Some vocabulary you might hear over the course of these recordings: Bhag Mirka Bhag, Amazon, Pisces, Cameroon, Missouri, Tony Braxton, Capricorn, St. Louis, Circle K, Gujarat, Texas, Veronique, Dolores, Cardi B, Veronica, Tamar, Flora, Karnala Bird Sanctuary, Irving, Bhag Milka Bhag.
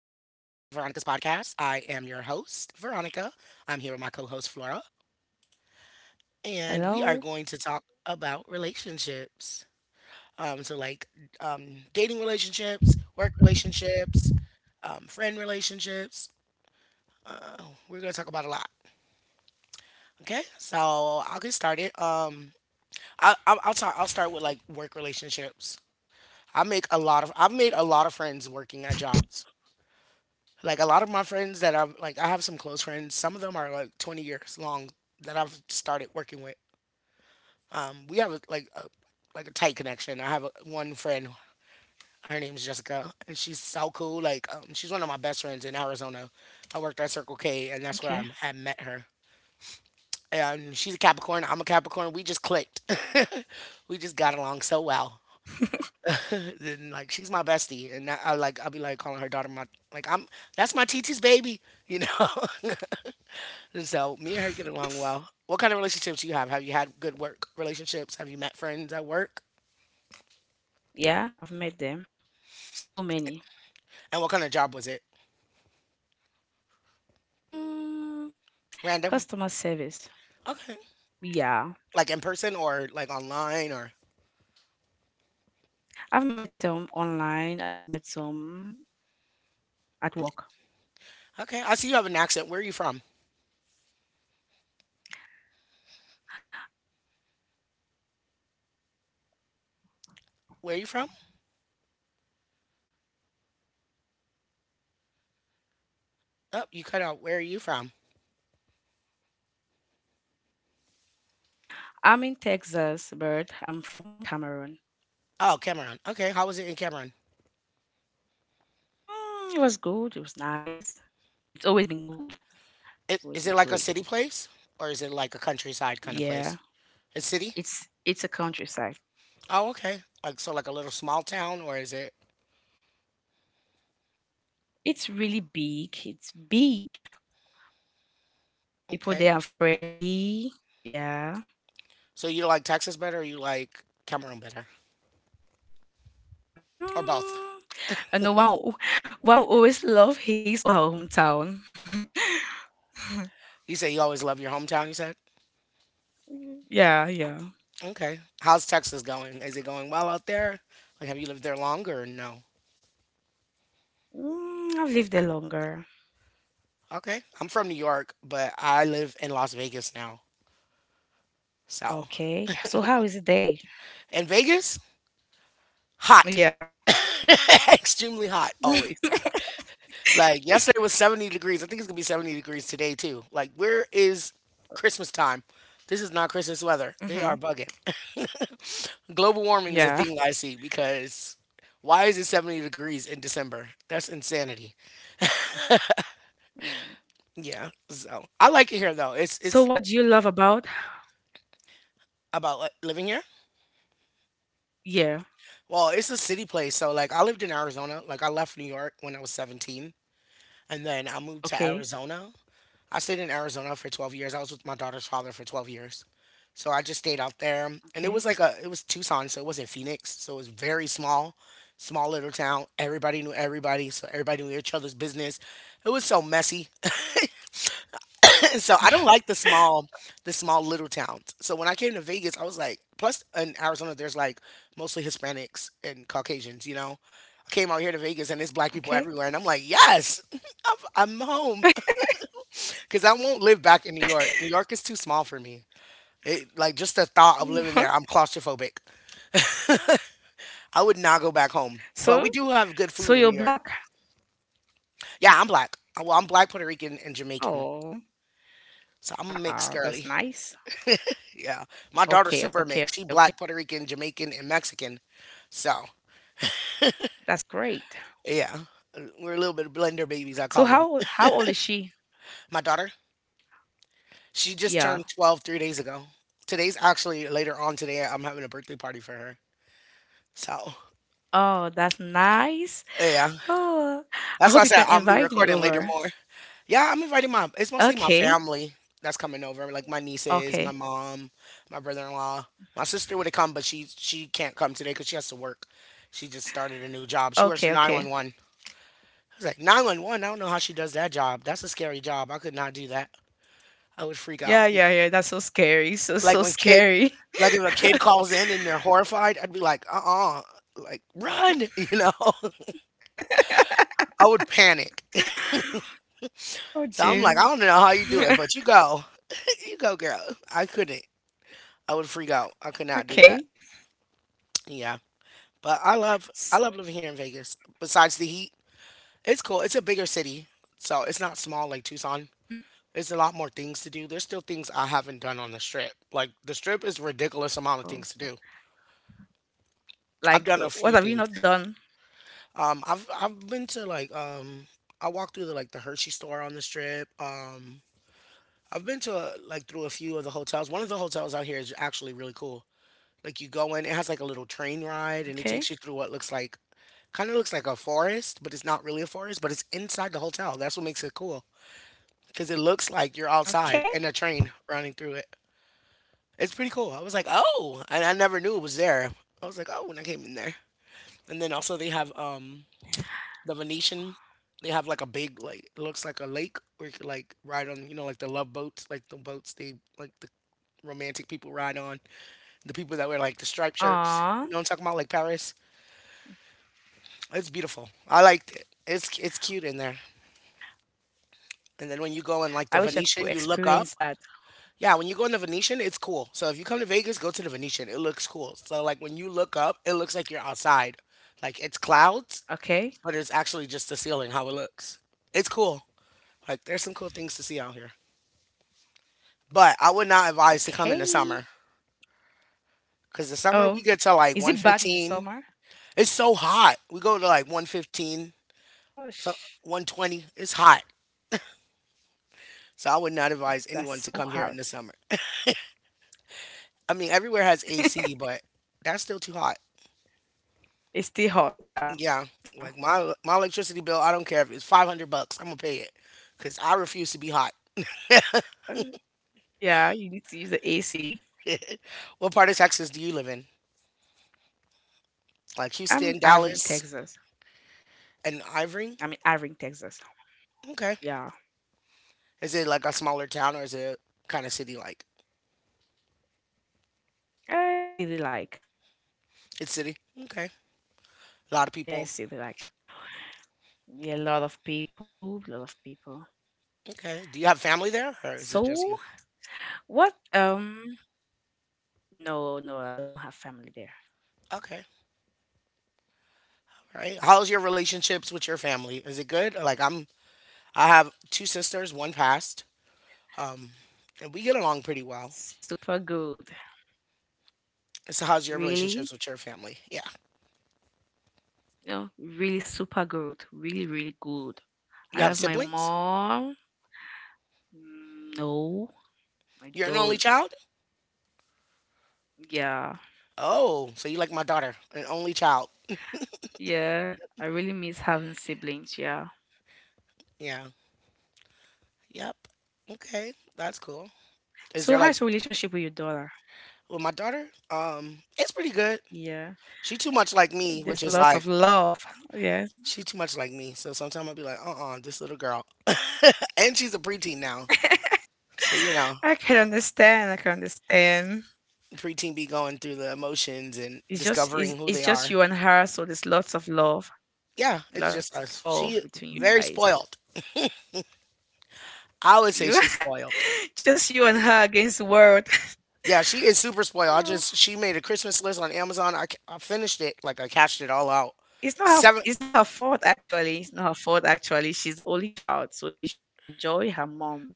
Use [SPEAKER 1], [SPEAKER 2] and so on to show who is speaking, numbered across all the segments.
[SPEAKER 1] Veronica's podcast. I am your host, Veronica. I'm here with my co host, Flora, and we are going to talk
[SPEAKER 2] Hello?
[SPEAKER 1] about relationships. Um, so, like dating relationships, work relationships, friend relationships. Uh, we're going to talk about a lot. Okay, so I'll get started. I, I'll, talk, I'll start with like work relationships. I've made a lot of friends working at jobs. Like a lot of my friends that I've like I have some close friends. Some of them are like 20 years long that I've started working with. We have like a tight connection. I have one friend. Her name is Jessica, and she's so cool. Like she's one of my best friends in Arizona. I worked at Circle K, and that's where I
[SPEAKER 2] Okay.
[SPEAKER 1] met her. And she's a Capricorn. I'm a Capricorn. We just clicked. We just got along so well. Then like she's my bestie, and I'll be calling her daughter my like I'm that's my TT's baby, you know. So me and her get along well. What kind of relationships do you have? Have you had good work relationships? Have you met friends at work?
[SPEAKER 2] Yeah, I've met them. So many.
[SPEAKER 1] And what kind of job was it?
[SPEAKER 2] Mm,
[SPEAKER 1] Random.
[SPEAKER 2] customer service.
[SPEAKER 1] Okay.
[SPEAKER 2] Yeah.
[SPEAKER 1] Like in person or like online or
[SPEAKER 2] I've met some online, I've met some at work.
[SPEAKER 1] okay. I see you have an accent. Where are you from? Where are you from? Oh, you cut out. Where are you from?
[SPEAKER 2] I'm in Texas, but I'm from Cameroon.
[SPEAKER 1] Oh, Cameron. Okay. How was it in Cameron?
[SPEAKER 2] Mm, it was good. It was nice. It's always been good.
[SPEAKER 1] It,
[SPEAKER 2] It's always
[SPEAKER 1] is it
[SPEAKER 2] been
[SPEAKER 1] like a
[SPEAKER 2] great.
[SPEAKER 1] city place or is it like a countryside kind of place?
[SPEAKER 2] Yeah.
[SPEAKER 1] A city?
[SPEAKER 2] It's a countryside.
[SPEAKER 1] Oh, okay. Like so, like a little small town or is it
[SPEAKER 2] It's really big. It's big. People
[SPEAKER 1] okay?
[SPEAKER 2] there are friendly. Yeah.
[SPEAKER 1] So you like Texas better or you like Cameroon better or both?
[SPEAKER 2] Mm, I know one will- one will always love his or her hometown.
[SPEAKER 1] You say you always love your hometown, you said?
[SPEAKER 2] Yeah, yeah.
[SPEAKER 1] Okay. How's Texas going? Is it going well out there? Like, have you lived there longer or no?
[SPEAKER 2] Mm, I've lived there longer.
[SPEAKER 1] Okay. I'm from New York, but I live in Las Vegas now. So,
[SPEAKER 2] Okay. So how is it there?
[SPEAKER 1] in Vegas, hot.
[SPEAKER 2] Yeah.
[SPEAKER 1] Extremely hot, always. Like, yesterday was 70 degrees. I think it's going to be 70 degrees today, too. Like, where is Christmas time? This is not Christmas weather. They are
[SPEAKER 2] Mm-hmm.
[SPEAKER 1] bugging. Global warming is a
[SPEAKER 2] Yeah.
[SPEAKER 1] thing I see because why is it 70 degrees in December? That's insanity.
[SPEAKER 2] Mm.
[SPEAKER 1] Yeah, so I like it here though.
[SPEAKER 2] So
[SPEAKER 1] It's
[SPEAKER 2] what do you love about?
[SPEAKER 1] About like, living here.
[SPEAKER 2] Yeah.
[SPEAKER 1] Well, it's a city place. So like I lived in Arizona. Like I left New York when I was 17 and then I moved to
[SPEAKER 2] Okay.
[SPEAKER 1] Arizona. I stayed in Arizona for 12 years. I was with my daughter's father for 12 years. So I just stayed out there and
[SPEAKER 2] Okay.
[SPEAKER 1] it was Tucson, so it wasn't Phoenix. So it was very small little town. Everybody knew everybody, so everybody knew each other's business. It was so messy. And so I don't like the small little towns. So when I came to Vegas, I was like, plus in Arizona, there's like mostly Hispanics and Caucasians, you know? I came out here to Vegas and it's black people
[SPEAKER 2] Okay.
[SPEAKER 1] everywhere. And I'm like, yes, I'm home. Cause I won't live back in New York. New York is too small for me. It, like just the thought of living
[SPEAKER 2] Mhm.
[SPEAKER 1] there, I'm claustrophobic. I would not go back home. But
[SPEAKER 2] So
[SPEAKER 1] we do have good
[SPEAKER 2] so
[SPEAKER 1] food in New
[SPEAKER 2] you're
[SPEAKER 1] York.
[SPEAKER 2] black.
[SPEAKER 1] Yeah, I'm black. Well, I'm black, Puerto Rican, and Jamaican.
[SPEAKER 2] Oh.
[SPEAKER 1] So I'm mixed
[SPEAKER 2] Ah,
[SPEAKER 1] girly.
[SPEAKER 2] that's nice.
[SPEAKER 1] Yeah. My daughter's
[SPEAKER 2] Okay,
[SPEAKER 1] super
[SPEAKER 2] okay,
[SPEAKER 1] mixed. She
[SPEAKER 2] okay.
[SPEAKER 1] black, Puerto Rican, Jamaican, and Mexican. So,
[SPEAKER 2] That's great.
[SPEAKER 1] yeah. We're a little bit of blender babies,
[SPEAKER 2] So
[SPEAKER 1] I
[SPEAKER 2] how
[SPEAKER 1] call them.
[SPEAKER 2] old- how old is she?
[SPEAKER 1] My daughter, she just
[SPEAKER 2] Yeah.
[SPEAKER 1] turned 12 3 days ago. Today's actually later on today. I'm having a birthday party for her. So,
[SPEAKER 2] Oh, that's nice.
[SPEAKER 1] yeah.
[SPEAKER 2] Oh,
[SPEAKER 1] That's
[SPEAKER 2] I
[SPEAKER 1] why I
[SPEAKER 2] hope you
[SPEAKER 1] said
[SPEAKER 2] can
[SPEAKER 1] I'll be
[SPEAKER 2] invite me
[SPEAKER 1] recording later
[SPEAKER 2] over.
[SPEAKER 1] more. Yeah, it's mostly my
[SPEAKER 2] Okay.
[SPEAKER 1] family that's coming over, like my nieces, my
[SPEAKER 2] Okay.
[SPEAKER 1] mom, my brother-in-law. My sister would have come, but she can't come today because she has to work. She just started a new job. She works
[SPEAKER 2] Okay.
[SPEAKER 1] for
[SPEAKER 2] Okay.
[SPEAKER 1] 911. It's like 911. I don't know how she does that job. That's a scary job. I could not do that. I would freak out.
[SPEAKER 2] Yeah. Yeah. Yeah. That's so scary. So
[SPEAKER 1] Like
[SPEAKER 2] so
[SPEAKER 1] when kid,
[SPEAKER 2] scary.
[SPEAKER 1] like if a kid calls in and they're horrified, I'd be like, uh-uh, like run, you know? I would panic.
[SPEAKER 2] Oh,
[SPEAKER 1] So I'm like,
[SPEAKER 2] jeez.
[SPEAKER 1] I don't know how you do it, but you go. You go, girl. I couldn't. I would
[SPEAKER 2] Okay.
[SPEAKER 1] freak out. I could not do that.
[SPEAKER 2] Okay.
[SPEAKER 1] Yeah. But
[SPEAKER 2] S-
[SPEAKER 1] I love living here in Vegas. Besides the heat, it's cool. It's a bigger city. So it's not small like Tucson.
[SPEAKER 2] Mhm.
[SPEAKER 1] It's a lot more things to do. There's still things I haven't done on the strip. Like the strip is ridiculous amount of
[SPEAKER 2] Oh,
[SPEAKER 1] things to do. I've
[SPEAKER 2] like,
[SPEAKER 1] done a few
[SPEAKER 2] what have you
[SPEAKER 1] things.
[SPEAKER 2] not done?
[SPEAKER 1] I've been to like I walked through the like the Hershey store on the strip. I've been to like through a few of the hotels. One of the hotels out here is actually really cool. Like you go in, it has like a little train ride, and it takes
[SPEAKER 2] Okay.
[SPEAKER 1] you through what looks like kind of looks like a forest, but it's not really a forest, but it's inside the hotel. That's what makes it cool because it looks like you're outside
[SPEAKER 2] Okay.
[SPEAKER 1] and a train running through it. It's pretty cool. I was like, oh, and I never knew it was there. I was like, oh, when I came in there. And then also they have the Venetian. They have like a big like it looks like a lake where you could like ride on you know like the love boats like the boats they like the romantic people ride on the people that wear like the striped shirts. You know what I'm
[SPEAKER 2] Aw,
[SPEAKER 1] talking about like Paris. It's beautiful. I liked it. It's Cute in there. And then when you go in like the
[SPEAKER 2] I wish I could
[SPEAKER 1] Venetian, you look
[SPEAKER 2] experience
[SPEAKER 1] up.
[SPEAKER 2] that.
[SPEAKER 1] Yeah, when you go in the Venetian, it's cool. So if you come to Vegas, go to the Venetian. It looks cool. So like when you look up, it looks like you're outside. Like it's clouds,
[SPEAKER 2] Okay.
[SPEAKER 1] but it's actually just the ceiling how it looks. It's cool. Like there's some cool things to see out here. But I would not advise to come in the summer
[SPEAKER 2] Okay.
[SPEAKER 1] cuz the summer we get
[SPEAKER 2] Oh,
[SPEAKER 1] to like
[SPEAKER 2] is it bad in
[SPEAKER 1] 115.
[SPEAKER 2] the summer?
[SPEAKER 1] It's so hot. We go to like 115, so
[SPEAKER 2] Gosh,
[SPEAKER 1] 120. It's hot. So I would not advise
[SPEAKER 2] that's
[SPEAKER 1] anyone to
[SPEAKER 2] so
[SPEAKER 1] come here in the
[SPEAKER 2] hard.
[SPEAKER 1] summer. I mean, everywhere has AC, but that's still too hot.
[SPEAKER 2] It's still hot. Yeah.
[SPEAKER 1] Yeah, like
[SPEAKER 2] Yeah.
[SPEAKER 1] my electricity bill, I don't care if it's $500, I'm gonna pay it cuz I refuse to be hot.
[SPEAKER 2] Uh, Yeah. You need to use the AC.
[SPEAKER 1] What part of Texas do you live in? Like
[SPEAKER 2] I'm in
[SPEAKER 1] Houston,
[SPEAKER 2] Irving,
[SPEAKER 1] Dallas,
[SPEAKER 2] Texas.
[SPEAKER 1] and Ivory?
[SPEAKER 2] I'm in Irving, Texas.
[SPEAKER 1] Okay.
[SPEAKER 2] Yeah.
[SPEAKER 1] Is it like a smaller town or is it kind of city like?
[SPEAKER 2] I see the like.
[SPEAKER 1] It's city. Okay. A lot of people.
[SPEAKER 2] Yeah, I see the like. Yeah, a lot of people. A lot of people.
[SPEAKER 1] Okay. Do you have family there or is it just you?
[SPEAKER 2] So what No, no, I don't have family there.
[SPEAKER 1] Okay. All right. How's your relationships with your family? Is it good? I have two sisters, one passed. Um and we get along pretty well.
[SPEAKER 2] Super good.
[SPEAKER 1] So how's your relationships
[SPEAKER 2] Really?
[SPEAKER 1] with your family? Yeah.
[SPEAKER 2] No, really super good. Really, really good.
[SPEAKER 1] You
[SPEAKER 2] I
[SPEAKER 1] have
[SPEAKER 2] love my
[SPEAKER 1] siblings?
[SPEAKER 2] mom. Mm, no, I
[SPEAKER 1] You're an only
[SPEAKER 2] don't.
[SPEAKER 1] child?
[SPEAKER 2] Yeah.
[SPEAKER 1] Oh, so you like my daughter, an only child.
[SPEAKER 2] Yeah, I really miss having siblings. Yeah.
[SPEAKER 1] Yeah. Yep. Okay. That's cool. Is there
[SPEAKER 2] So
[SPEAKER 1] like
[SPEAKER 2] how's your relationship with your daughter?
[SPEAKER 1] well my daughter? It's pretty good.
[SPEAKER 2] Yeah,
[SPEAKER 1] She too much like me, which
[SPEAKER 2] there's
[SPEAKER 1] is like
[SPEAKER 2] lots of love. Yeah,
[SPEAKER 1] she too much like me. So sometimes I'll be like, uh-uh, this little girl. And she's a preteen now. So you know,
[SPEAKER 2] I can understand. I can understand.
[SPEAKER 1] preteen be going through the emotions and
[SPEAKER 2] It's just it's,
[SPEAKER 1] discovering who
[SPEAKER 2] it's
[SPEAKER 1] they
[SPEAKER 2] just
[SPEAKER 1] are.
[SPEAKER 2] you and her, so there's
[SPEAKER 1] Yeah, it's
[SPEAKER 2] lots of
[SPEAKER 1] just us.
[SPEAKER 2] love
[SPEAKER 1] She
[SPEAKER 2] between you
[SPEAKER 1] very
[SPEAKER 2] guys.
[SPEAKER 1] spoiled. I would say
[SPEAKER 2] You,
[SPEAKER 1] she's spoiled.
[SPEAKER 2] just you and her against the world.
[SPEAKER 1] Yeah, she is super spoiled. I
[SPEAKER 2] Yeah.
[SPEAKER 1] just she made a Christmas list on Amazon. I finished it, like I cashed it all out.
[SPEAKER 2] It's not her.
[SPEAKER 1] Seven.
[SPEAKER 2] It's not her fault actually. It's not her fault actually. She's the only child, so she should enjoy her mom.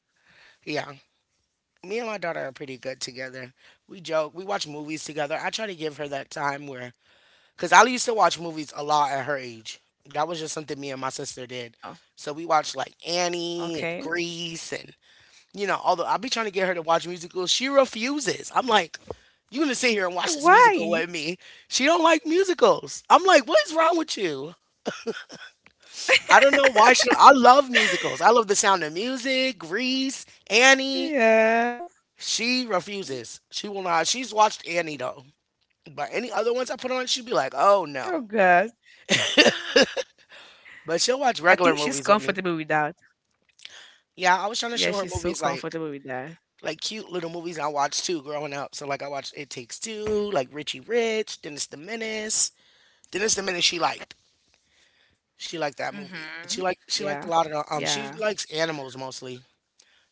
[SPEAKER 1] Yeah, me and my daughter are pretty good together. We joke, we watch movies together. I try to give her that time where, cause I used to watch movies a lot at her age. That was just something me and my sister did.
[SPEAKER 2] Oh,
[SPEAKER 1] So we watched like Annie and
[SPEAKER 2] okay.
[SPEAKER 1] Grease and you know, although I be trying to get her to watch musicals, she refuses. I'm like, you gonna sit here and watch this musical
[SPEAKER 2] Why?
[SPEAKER 1] with me? She don't like musicals. I'm like, what is wrong with you? I don't know why she. I love musicals. I love The Sound of Music, Grease, Annie.
[SPEAKER 2] Yeah.
[SPEAKER 1] She refuses. She will not. She's watched Annie though, but any other ones I put on, she'd be like, "Oh
[SPEAKER 2] Oh
[SPEAKER 1] no."
[SPEAKER 2] God!
[SPEAKER 1] But she'll watch
[SPEAKER 2] I
[SPEAKER 1] regular
[SPEAKER 2] think she's
[SPEAKER 1] movies with me.
[SPEAKER 2] comfortable with that.
[SPEAKER 1] Yeah, I was trying to
[SPEAKER 2] Yeah,
[SPEAKER 1] show
[SPEAKER 2] she's
[SPEAKER 1] her
[SPEAKER 2] so
[SPEAKER 1] movies like
[SPEAKER 2] comfortable with that.
[SPEAKER 1] cute little movies I watched too growing up. So like I watched It Takes Two, like Richie Rich, Dennis the Menace. Dennis the Menace she liked. She liked that movie. She
[SPEAKER 2] Mm-hmm.
[SPEAKER 1] liked she liked a
[SPEAKER 2] Yeah.
[SPEAKER 1] lot of the, she
[SPEAKER 2] Yeah.
[SPEAKER 1] likes animals mostly.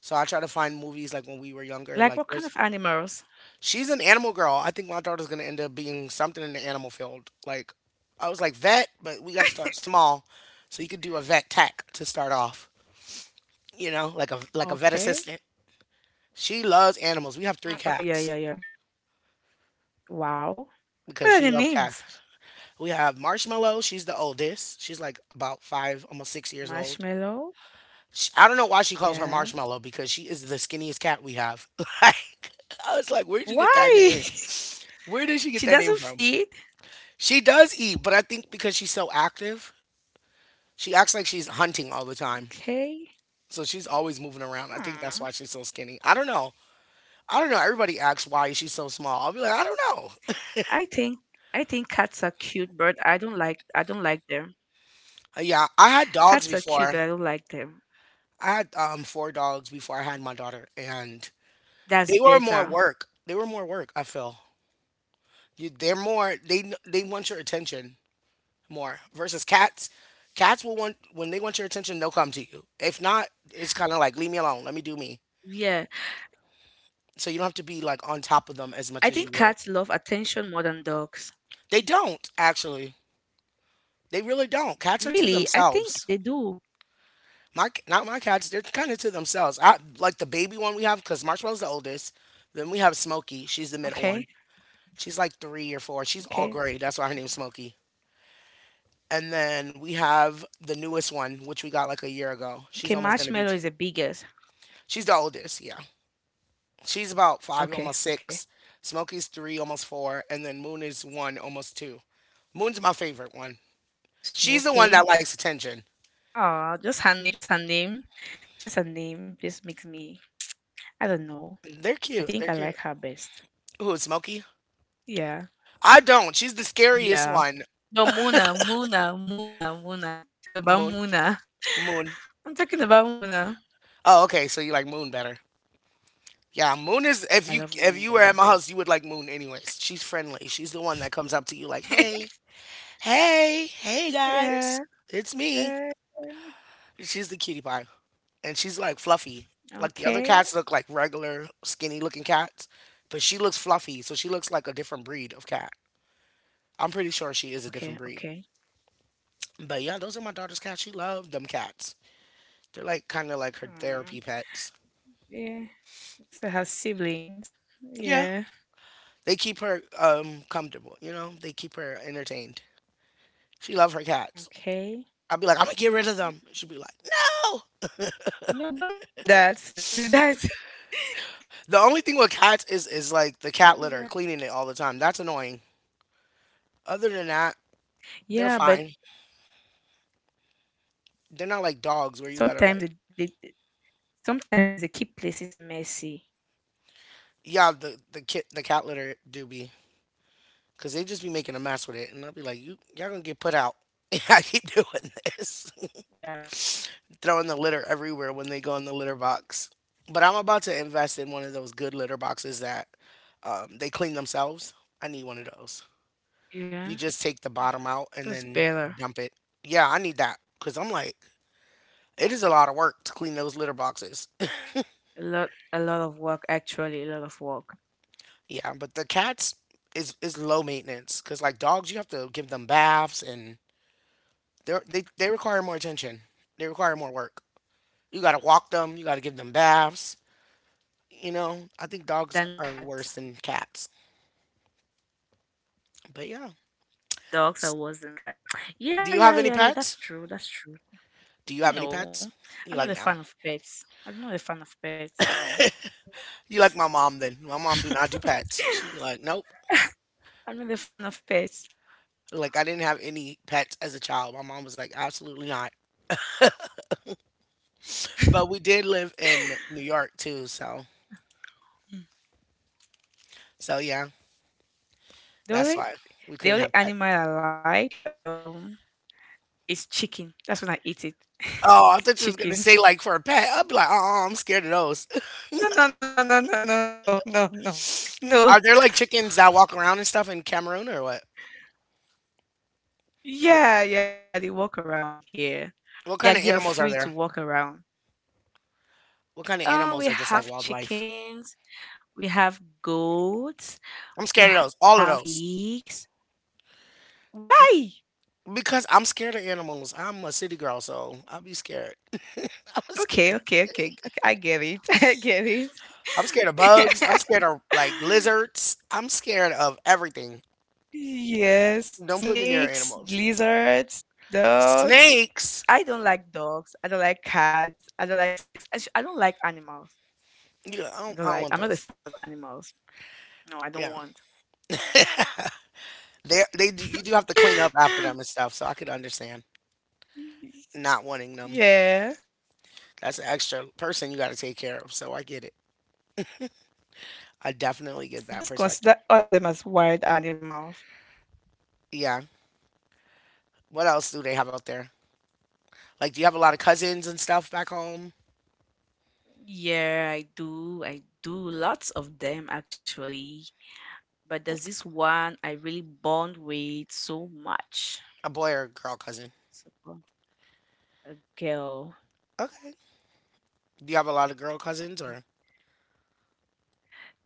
[SPEAKER 1] So I try to find movies like when we were younger.
[SPEAKER 2] Like
[SPEAKER 1] Like
[SPEAKER 2] what kind
[SPEAKER 1] there's
[SPEAKER 2] of animals?
[SPEAKER 1] She's an animal girl. I think my daughter's gonna end up being something in the animal field. Like I was like vet, but we gotta start small. So you could do a vet tech to start off. You know, like a vet
[SPEAKER 2] Okay.
[SPEAKER 1] assistant. She loves animals. We have three
[SPEAKER 2] Okay, yeah, yeah,
[SPEAKER 1] cats
[SPEAKER 2] yeah. Wow.
[SPEAKER 1] because
[SPEAKER 2] What are
[SPEAKER 1] she
[SPEAKER 2] the
[SPEAKER 1] loves cats.
[SPEAKER 2] names?
[SPEAKER 1] We have Marshmallow. She's the oldest. She's like about five, almost 6 years old.
[SPEAKER 2] Marshmallow.
[SPEAKER 1] She, I don't know why she calls her
[SPEAKER 2] Yeah.
[SPEAKER 1] Marshmallow because she is the skinniest cat we have. Like I was like, where'd you get that
[SPEAKER 2] Why?
[SPEAKER 1] name? Where did she get
[SPEAKER 2] She
[SPEAKER 1] that name
[SPEAKER 2] doesn't
[SPEAKER 1] from?
[SPEAKER 2] feed.
[SPEAKER 1] She does eat, but I think because she's so active, she acts like she's hunting all the time.
[SPEAKER 2] Okay.
[SPEAKER 1] So she's always moving around. I
[SPEAKER 2] Hmm.
[SPEAKER 1] think that's why she's so skinny. I don't know. I don't know. Everybody asks why she's so small. I'll be like, I don't know.
[SPEAKER 2] I think I think cats are cute, but I don't like them.
[SPEAKER 1] Yeah, I had dogs
[SPEAKER 2] Cats are
[SPEAKER 1] before.
[SPEAKER 2] cute, but I don't like them.
[SPEAKER 1] I had four dogs before I had my daughter, and they
[SPEAKER 2] That's
[SPEAKER 1] were more
[SPEAKER 2] better.
[SPEAKER 1] work. They were more work. I feel you, they're more. They want your attention more versus cats. Cats will want when they want your attention, they'll come to you. If not, it's kind of like leave me alone. Let me do me.
[SPEAKER 2] Yeah.
[SPEAKER 1] So you don't have to be like on top of them as much as
[SPEAKER 2] I
[SPEAKER 1] you
[SPEAKER 2] think
[SPEAKER 1] would.
[SPEAKER 2] cats love attention more than dogs.
[SPEAKER 1] They don't actually. They really don't. Cats are to
[SPEAKER 2] Really? I
[SPEAKER 1] themselves.
[SPEAKER 2] think they do.
[SPEAKER 1] Not my cats. They're kind of to themselves. I like the baby one we have because Marshmallow's the oldest. Then we have Smokey. She's the middle one.
[SPEAKER 2] Okay,
[SPEAKER 1] She's like three or four. She's all gray.
[SPEAKER 2] okay.
[SPEAKER 1] That's why her name's Smokey. And then we have the newest one, which we got like a year ago. She's almost
[SPEAKER 2] Okay,
[SPEAKER 1] gonna be.
[SPEAKER 2] Marshmallow is the biggest.
[SPEAKER 1] She's the oldest. Yeah, she's about five, almost
[SPEAKER 2] Okay,
[SPEAKER 1] six.
[SPEAKER 2] okay.
[SPEAKER 1] Smokey's three, almost four, and then Moon is one, almost two. Moon's my favorite one. She's the one that
[SPEAKER 2] Smokey.
[SPEAKER 1] likes attention.
[SPEAKER 2] Oh, just her name, just her name. Just her name just makes me I don't know.
[SPEAKER 1] They're
[SPEAKER 2] I
[SPEAKER 1] cute. They're
[SPEAKER 2] think I
[SPEAKER 1] cute.
[SPEAKER 2] like her best.
[SPEAKER 1] Who, Smokey?
[SPEAKER 2] Yeah.
[SPEAKER 1] I don't. She's the scariest
[SPEAKER 2] Yeah.
[SPEAKER 1] one.
[SPEAKER 2] No, Muna, Muna, Muna, Muna. I'm talking about
[SPEAKER 1] Moon.
[SPEAKER 2] Muna.
[SPEAKER 1] Moon.
[SPEAKER 2] I'm talking about Muna.
[SPEAKER 1] Oh, okay. So you like Moon better. Yeah, Moon is
[SPEAKER 2] Yeah, I love
[SPEAKER 1] if
[SPEAKER 2] Moon
[SPEAKER 1] you were at my
[SPEAKER 2] better.
[SPEAKER 1] house, you would like Moon anyways. She's friendly. She's the one that comes up to you like, "Hey, hey, hey guys.
[SPEAKER 2] Yeah.
[SPEAKER 1] It's me."
[SPEAKER 2] Yeah.
[SPEAKER 1] She's the cutie pie. And she's like fluffy. Like the other
[SPEAKER 2] Okay.
[SPEAKER 1] cats look like regular skinny looking cats, but she looks fluffy, so she looks like a different breed of cat. I'm pretty sure she is a different
[SPEAKER 2] Okay,
[SPEAKER 1] breed.
[SPEAKER 2] okay.
[SPEAKER 1] But yeah, those are my daughter's cats. She loved them cats. They're like kind of like her therapy
[SPEAKER 2] Hmm.
[SPEAKER 1] pets.
[SPEAKER 2] Yeah. I used have siblings.
[SPEAKER 1] Yeah.
[SPEAKER 2] Yeah.
[SPEAKER 1] They keep her comfortable, you know. They keep her entertained. She love her cats.
[SPEAKER 2] Okay.
[SPEAKER 1] I'd be like, I'm gonna get rid of them. She'd be like, no.
[SPEAKER 2] No, don't do that. Don't do that.
[SPEAKER 1] The only thing with cats is like the
[SPEAKER 2] Don't
[SPEAKER 1] cat
[SPEAKER 2] do
[SPEAKER 1] litter,
[SPEAKER 2] that.
[SPEAKER 1] cleaning it all the time. That's annoying. Other than that, they're
[SPEAKER 2] Yeah, but
[SPEAKER 1] fine. They're not like dogs where you gotta
[SPEAKER 2] sometimes
[SPEAKER 1] like,
[SPEAKER 2] sometimes they keep places messy.
[SPEAKER 1] yeah, the cat litter do be, cause they just be making a mess with it, and I'll be like, you y'all gonna get put out. I keep doing this,
[SPEAKER 2] Yeah.
[SPEAKER 1] throwing the litter everywhere when they go in the litter box. But I'm about to invest in one of those good litter boxes that they clean themselves. I need one of those. You
[SPEAKER 2] Yeah.
[SPEAKER 1] just take the bottom
[SPEAKER 2] Hmm.
[SPEAKER 1] out and
[SPEAKER 2] That's
[SPEAKER 1] then
[SPEAKER 2] better.
[SPEAKER 1] dump it. Yeah, I need that because I'm like, it is a lot of work to clean those litter boxes.
[SPEAKER 2] A lot, a lot of work actually, a lot of work.
[SPEAKER 1] Yeah, but the cats is low maintenance because like dogs, you have to give them baths and they require more attention. They require more work. You gotta walk them. You gotta give them baths. You know, I think dogs
[SPEAKER 2] Than
[SPEAKER 1] are
[SPEAKER 2] cats.
[SPEAKER 1] worse than cats. But yeah.
[SPEAKER 2] Dogs are
[SPEAKER 1] S-
[SPEAKER 2] worse than cats. Yeah,
[SPEAKER 1] Do you
[SPEAKER 2] yeah,
[SPEAKER 1] have any
[SPEAKER 2] yeah, yeah. That's
[SPEAKER 1] pets?
[SPEAKER 2] true. That's true.
[SPEAKER 1] Do you have any
[SPEAKER 2] No.
[SPEAKER 1] pets?
[SPEAKER 2] I'm
[SPEAKER 1] You
[SPEAKER 2] not a
[SPEAKER 1] like
[SPEAKER 2] fan
[SPEAKER 1] no.
[SPEAKER 2] of pets. I'm not a fan of pets, no.
[SPEAKER 1] You like my mom then. My mom do not do pets. She'd be like, nope.
[SPEAKER 2] I'm not a fan of pets.
[SPEAKER 1] Like I didn't have any pets as a child. My mom was like, absolutely not. But we did live in New York too, so
[SPEAKER 2] Mm.
[SPEAKER 1] so yeah,
[SPEAKER 2] The
[SPEAKER 1] that's
[SPEAKER 2] only
[SPEAKER 1] why we couldn't have pets.
[SPEAKER 2] animal I like is chicken. That's when I eat it.
[SPEAKER 1] Oh, I thought you was gonna
[SPEAKER 2] Chicken.
[SPEAKER 1] say like for a pet. I'd be like, oh, I'm scared of those.
[SPEAKER 2] No, no, no, no, no, no, no, no, no, no, no.
[SPEAKER 1] Are there like chickens that walk around and stuff in Cameroon or what? Like,
[SPEAKER 2] Yeah, yeah, they walk around here.
[SPEAKER 1] what
[SPEAKER 2] Like
[SPEAKER 1] kind
[SPEAKER 2] they
[SPEAKER 1] of
[SPEAKER 2] are
[SPEAKER 1] animals
[SPEAKER 2] free
[SPEAKER 1] are
[SPEAKER 2] to
[SPEAKER 1] there?
[SPEAKER 2] walk around.
[SPEAKER 1] What kind of
[SPEAKER 2] We
[SPEAKER 1] animals are just like
[SPEAKER 2] have
[SPEAKER 1] wildlife?
[SPEAKER 2] chickens. We have goats.
[SPEAKER 1] I'm
[SPEAKER 2] We
[SPEAKER 1] scared of those.
[SPEAKER 2] have
[SPEAKER 1] All of those.
[SPEAKER 2] pigs.
[SPEAKER 1] You
[SPEAKER 2] Why?
[SPEAKER 1] Because I'm scared of animals. I'm a city girl, so I'll be scared. I'm
[SPEAKER 2] Okay,
[SPEAKER 1] scared.
[SPEAKER 2] okay, okay. Okay, I get it. I get it.
[SPEAKER 1] I'm scared of bugs. I'm scared of like lizards. I'm scared of everything.
[SPEAKER 2] Yes,
[SPEAKER 1] Don't put me near
[SPEAKER 2] snakes,
[SPEAKER 1] animals.
[SPEAKER 2] lizards, dogs.
[SPEAKER 1] Snakes.
[SPEAKER 2] I don't like dogs. I don't like cats. I don't like snakes. I don't like animals.
[SPEAKER 1] Yeah,
[SPEAKER 2] I
[SPEAKER 1] I
[SPEAKER 2] don't
[SPEAKER 1] don't
[SPEAKER 2] like.
[SPEAKER 1] want
[SPEAKER 2] I'm not a
[SPEAKER 1] those.
[SPEAKER 2] fan of animals. No, I
[SPEAKER 1] Yeah,
[SPEAKER 2] don't want.
[SPEAKER 1] you do have to clean up after them and stuff. So I could understand not wanting them.
[SPEAKER 2] Yeah,
[SPEAKER 1] That's an extra person you got to take care of. So I get it. I definitely get
[SPEAKER 2] I
[SPEAKER 1] that
[SPEAKER 2] just
[SPEAKER 1] perspective.
[SPEAKER 2] consider all of them as wild animals.
[SPEAKER 1] Yeah. What else do they have out there? Like, do you have a lot of cousins and stuff back home?
[SPEAKER 2] Yeah, I do. I do, lots of them actually. But there's this one I really bond with so much.
[SPEAKER 1] A boy or girl cousin?
[SPEAKER 2] It's a girl. A girl.
[SPEAKER 1] Okay. Do you have a lot of girl cousins
[SPEAKER 2] Yeah.
[SPEAKER 1] or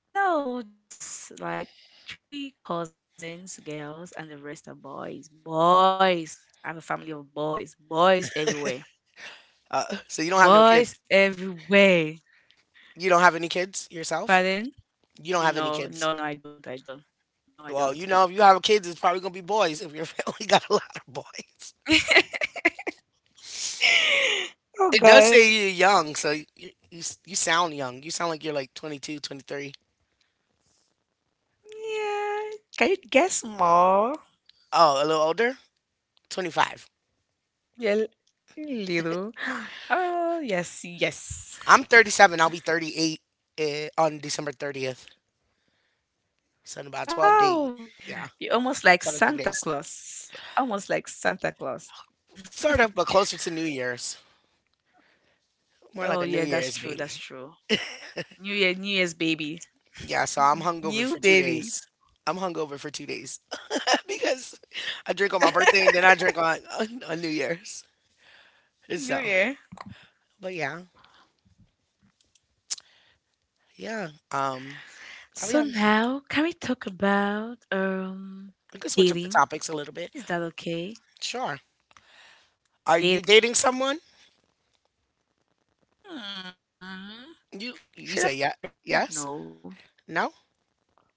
[SPEAKER 2] No, just like three cousins, girls, and the rest are boys. Boys. I have a family of boys. Boys everywhere.
[SPEAKER 1] so you don't have no
[SPEAKER 2] Boys
[SPEAKER 1] kids?
[SPEAKER 2] everywhere.
[SPEAKER 1] You don't have any kids yourself?
[SPEAKER 2] Pardon?
[SPEAKER 1] You don't have any
[SPEAKER 2] No, no,
[SPEAKER 1] kids.
[SPEAKER 2] no, I don't. I don't. No, I
[SPEAKER 1] Well, you
[SPEAKER 2] don't.
[SPEAKER 1] know, if you have kids, it's probably gonna be boys. If your family got a lot of boys,
[SPEAKER 2] Oh
[SPEAKER 1] it does
[SPEAKER 2] God.
[SPEAKER 1] say you're young, so you sound young. You sound like you're like 22, 23.
[SPEAKER 2] Yeah. Can you guess more?
[SPEAKER 1] Oh, a little older? 25.
[SPEAKER 2] Yeah, little. Oh, yes, yes.
[SPEAKER 1] I'm 37. I'll be 38 on December 30th. So in about 12 days.
[SPEAKER 2] Wow.
[SPEAKER 1] Yeah,
[SPEAKER 2] You're almost like
[SPEAKER 1] 17
[SPEAKER 2] Santa
[SPEAKER 1] days.
[SPEAKER 2] Claus. Almost like Santa Claus.
[SPEAKER 1] Sort of, but closer to New Year's. More like
[SPEAKER 2] Oh
[SPEAKER 1] a New
[SPEAKER 2] yeah, that's
[SPEAKER 1] Year's
[SPEAKER 2] true.
[SPEAKER 1] baby.
[SPEAKER 2] That's true. New Year, New Year's baby.
[SPEAKER 1] Yeah, so I'm
[SPEAKER 2] New
[SPEAKER 1] hungover for two
[SPEAKER 2] baby.
[SPEAKER 1] days. I'm hungover for 2 days because I drink on my birthday and then I drink on New Year's. So,
[SPEAKER 2] New Year.
[SPEAKER 1] but yeah, yeah. I'll be having
[SPEAKER 2] So
[SPEAKER 1] fun.
[SPEAKER 2] now, can we talk about
[SPEAKER 1] We can switch up the topics a
[SPEAKER 2] dating?
[SPEAKER 1] little bit.
[SPEAKER 2] Is that okay?
[SPEAKER 1] Sure. Are you
[SPEAKER 2] Dating.
[SPEAKER 1] dating someone?
[SPEAKER 2] Hmm.
[SPEAKER 1] You say
[SPEAKER 2] Should I
[SPEAKER 1] yeah,
[SPEAKER 2] say yes or
[SPEAKER 1] yes,
[SPEAKER 2] no?
[SPEAKER 1] no.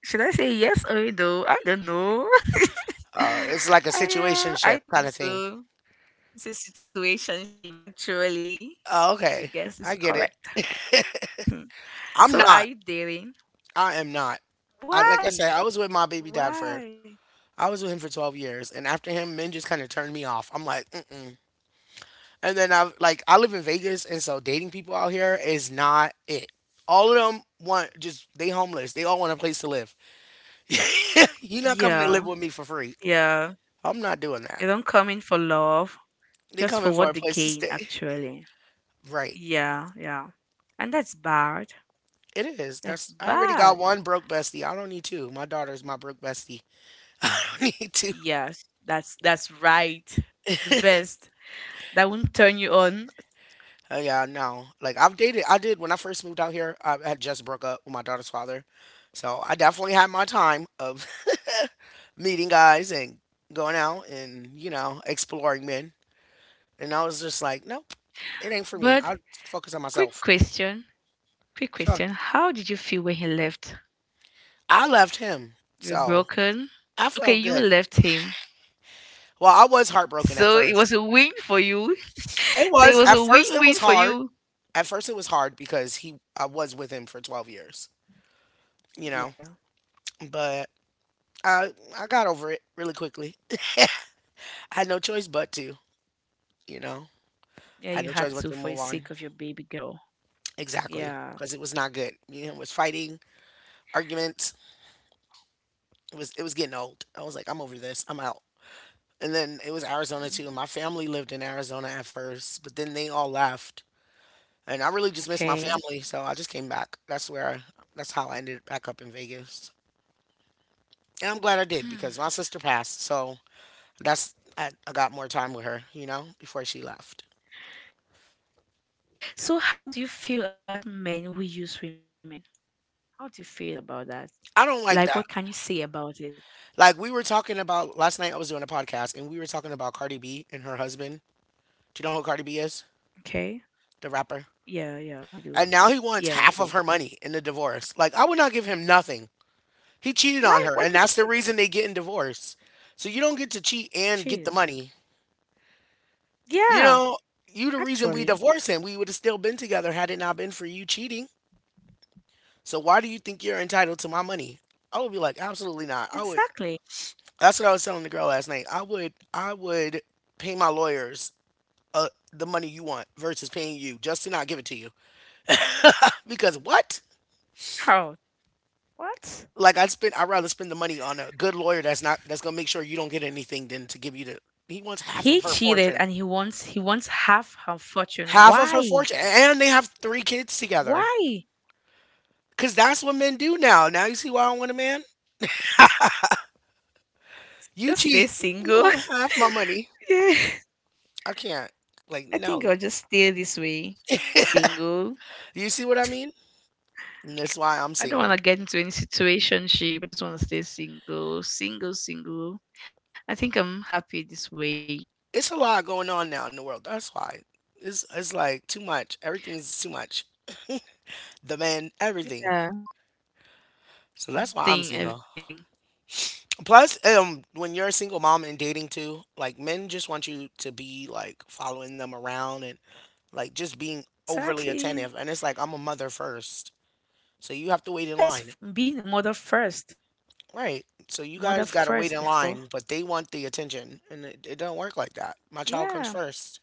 [SPEAKER 2] Should I say yes or no? I don't know.
[SPEAKER 1] It's like a situationship
[SPEAKER 2] I
[SPEAKER 1] kind of
[SPEAKER 2] think
[SPEAKER 1] thing.
[SPEAKER 2] so. It's a situationship, actually.
[SPEAKER 1] Oh, okay,
[SPEAKER 2] Your
[SPEAKER 1] I
[SPEAKER 2] guess is
[SPEAKER 1] get it.
[SPEAKER 2] correct.
[SPEAKER 1] I'm
[SPEAKER 2] So
[SPEAKER 1] not.
[SPEAKER 2] are you dating?
[SPEAKER 1] I am not. I like I said, I was
[SPEAKER 2] Why?
[SPEAKER 1] with my baby dad for
[SPEAKER 2] Why?
[SPEAKER 1] I was with him for 12 years, and after him, men just kind of turned me off. I'm like, mm-mm. And then I live in Vegas, and so dating people out here is not it. All of them want just they homeless. They all want a place to live. You're not coming to live
[SPEAKER 2] Yeah,
[SPEAKER 1] with me for free.
[SPEAKER 2] yeah.
[SPEAKER 1] I'm not doing
[SPEAKER 2] They
[SPEAKER 1] that.
[SPEAKER 2] don't come in for love,
[SPEAKER 1] They
[SPEAKER 2] just
[SPEAKER 1] coming
[SPEAKER 2] for
[SPEAKER 1] for
[SPEAKER 2] what
[SPEAKER 1] a
[SPEAKER 2] they
[SPEAKER 1] place to
[SPEAKER 2] gain,
[SPEAKER 1] stay.
[SPEAKER 2] actually.
[SPEAKER 1] Right.
[SPEAKER 2] Yeah, yeah. And that's bad.
[SPEAKER 1] It is.
[SPEAKER 2] That's
[SPEAKER 1] That's I already
[SPEAKER 2] bad.
[SPEAKER 1] got one broke bestie. I don't need two. My daughter's my broke bestie. I don't need two.
[SPEAKER 2] Yes, that's right. The best. That won't turn you on.
[SPEAKER 1] Yeah, no. Like I've dated. I did when I first moved out here. I had just broke up with my daughter's father, so I definitely had my time of meeting guys and going out and you know exploring men. And I was just like, nope, it ain't for me.
[SPEAKER 2] But
[SPEAKER 1] I'll focus on
[SPEAKER 2] quick
[SPEAKER 1] myself.
[SPEAKER 2] question. Quick
[SPEAKER 1] Sure.
[SPEAKER 2] question. How did you feel when he left?
[SPEAKER 1] I left him,
[SPEAKER 2] You were
[SPEAKER 1] so
[SPEAKER 2] broken?
[SPEAKER 1] I
[SPEAKER 2] Okay,
[SPEAKER 1] felt
[SPEAKER 2] you
[SPEAKER 1] good.
[SPEAKER 2] left him.
[SPEAKER 1] Well, I was heartbroken at
[SPEAKER 2] So it
[SPEAKER 1] first.
[SPEAKER 2] was a win for you.
[SPEAKER 1] It
[SPEAKER 2] So it
[SPEAKER 1] was
[SPEAKER 2] was
[SPEAKER 1] at
[SPEAKER 2] a
[SPEAKER 1] first. It
[SPEAKER 2] win-win
[SPEAKER 1] was
[SPEAKER 2] for
[SPEAKER 1] hard.
[SPEAKER 2] you.
[SPEAKER 1] At first, it was hard because he. I was with him for 12 years. You know,
[SPEAKER 2] Yeah.
[SPEAKER 1] but I I got over it really quickly. Had no choice but to, you know,
[SPEAKER 2] Yeah, you had
[SPEAKER 1] had no
[SPEAKER 2] to
[SPEAKER 1] choice
[SPEAKER 2] for the
[SPEAKER 1] but to
[SPEAKER 2] sake
[SPEAKER 1] move
[SPEAKER 2] of your
[SPEAKER 1] on.
[SPEAKER 2] baby girl. Yeah.
[SPEAKER 1] Exactly, because it was not good. Me and him was fighting, arguments. It was getting old. I was like, I'm over this. I'm out. And then it was Arizona
[SPEAKER 2] Mm,
[SPEAKER 1] too. My family lived in Arizona at first, but then they all left, and I really just missed my
[SPEAKER 2] okay.
[SPEAKER 1] family, so I just came back. That's how I ended back up in Vegas, and I'm glad I did
[SPEAKER 2] Hmm.
[SPEAKER 1] because my sister passed, so I got more time with her, you know, before she left.
[SPEAKER 2] So how do you feel about men who use women? How do you feel about that?
[SPEAKER 1] I don't
[SPEAKER 2] Like what
[SPEAKER 1] like
[SPEAKER 2] can
[SPEAKER 1] that.
[SPEAKER 2] you say about it?
[SPEAKER 1] Like we were talking about last night, I was doing a podcast and we were talking about Cardi B and her husband. Do you know who Cardi B is?
[SPEAKER 2] Okay.
[SPEAKER 1] The rapper.
[SPEAKER 2] Yeah, yeah, I do.
[SPEAKER 1] And now he
[SPEAKER 2] Yeah, I
[SPEAKER 1] wants
[SPEAKER 2] do.
[SPEAKER 1] half of her money in the divorce. Like I would not give him nothing. He cheated
[SPEAKER 2] Like
[SPEAKER 1] on
[SPEAKER 2] what
[SPEAKER 1] her,
[SPEAKER 2] the
[SPEAKER 1] and
[SPEAKER 2] fuck?
[SPEAKER 1] that's the reason they get in divorce. So you don't get to cheat and get
[SPEAKER 2] Jeez.
[SPEAKER 1] the money. You
[SPEAKER 2] Yeah,
[SPEAKER 1] know, you the reason we
[SPEAKER 2] actually.
[SPEAKER 1] divorced him. We would have still been together had it not been for you cheating. So why do you think you're entitled to my money? I would be like, absolutely not. I would.
[SPEAKER 2] Exactly.
[SPEAKER 1] That's what I was telling the girl last night. I would. I would pay my lawyers the money you want versus paying you just to not give it to you. Because what?
[SPEAKER 2] How? What?
[SPEAKER 1] Like I'd rather spend the money on a good lawyer that's not that's gonna make sure you don't get anything than to give you the. He wants half
[SPEAKER 2] He
[SPEAKER 1] of her
[SPEAKER 2] cheated
[SPEAKER 1] fortune,
[SPEAKER 2] and he wants half her fortune.
[SPEAKER 1] half of her
[SPEAKER 2] Why?
[SPEAKER 1] fortune, and they have three kids together.
[SPEAKER 2] Why?
[SPEAKER 1] Cause that's what men do now. Now you see why I don't want a man. You
[SPEAKER 2] Just stay
[SPEAKER 1] cheat. You
[SPEAKER 2] single.
[SPEAKER 1] want half my money.
[SPEAKER 2] Yeah.
[SPEAKER 1] I can't. Like
[SPEAKER 2] I
[SPEAKER 1] no.
[SPEAKER 2] think I'll just stay this way. Single.
[SPEAKER 1] You see what I mean? And that's why I'm
[SPEAKER 2] I don't want
[SPEAKER 1] single.
[SPEAKER 2] to get into any situationship. I just want to stay single. Single, single. I think I'm happy this way.
[SPEAKER 1] It's a lot going on now in the world. That's why. It's like too much. Everything's too much. The men, everything.
[SPEAKER 2] Yeah.
[SPEAKER 1] So that's why I'm
[SPEAKER 2] Everything,
[SPEAKER 1] single.
[SPEAKER 2] everything.
[SPEAKER 1] Plus, when you're a single mom and dating too, like men just want you to be like following them around and like just being overly
[SPEAKER 2] Exactly.
[SPEAKER 1] attentive. And it's like I'm a mother first, so you have to wait
[SPEAKER 2] Yeah,
[SPEAKER 1] in line,
[SPEAKER 2] being a mother first.
[SPEAKER 1] right? So you
[SPEAKER 2] Mother
[SPEAKER 1] guys gotta
[SPEAKER 2] first
[SPEAKER 1] wait in
[SPEAKER 2] before.
[SPEAKER 1] line, but they want the attention, and it don't work like that. My child comes
[SPEAKER 2] Yeah.
[SPEAKER 1] first,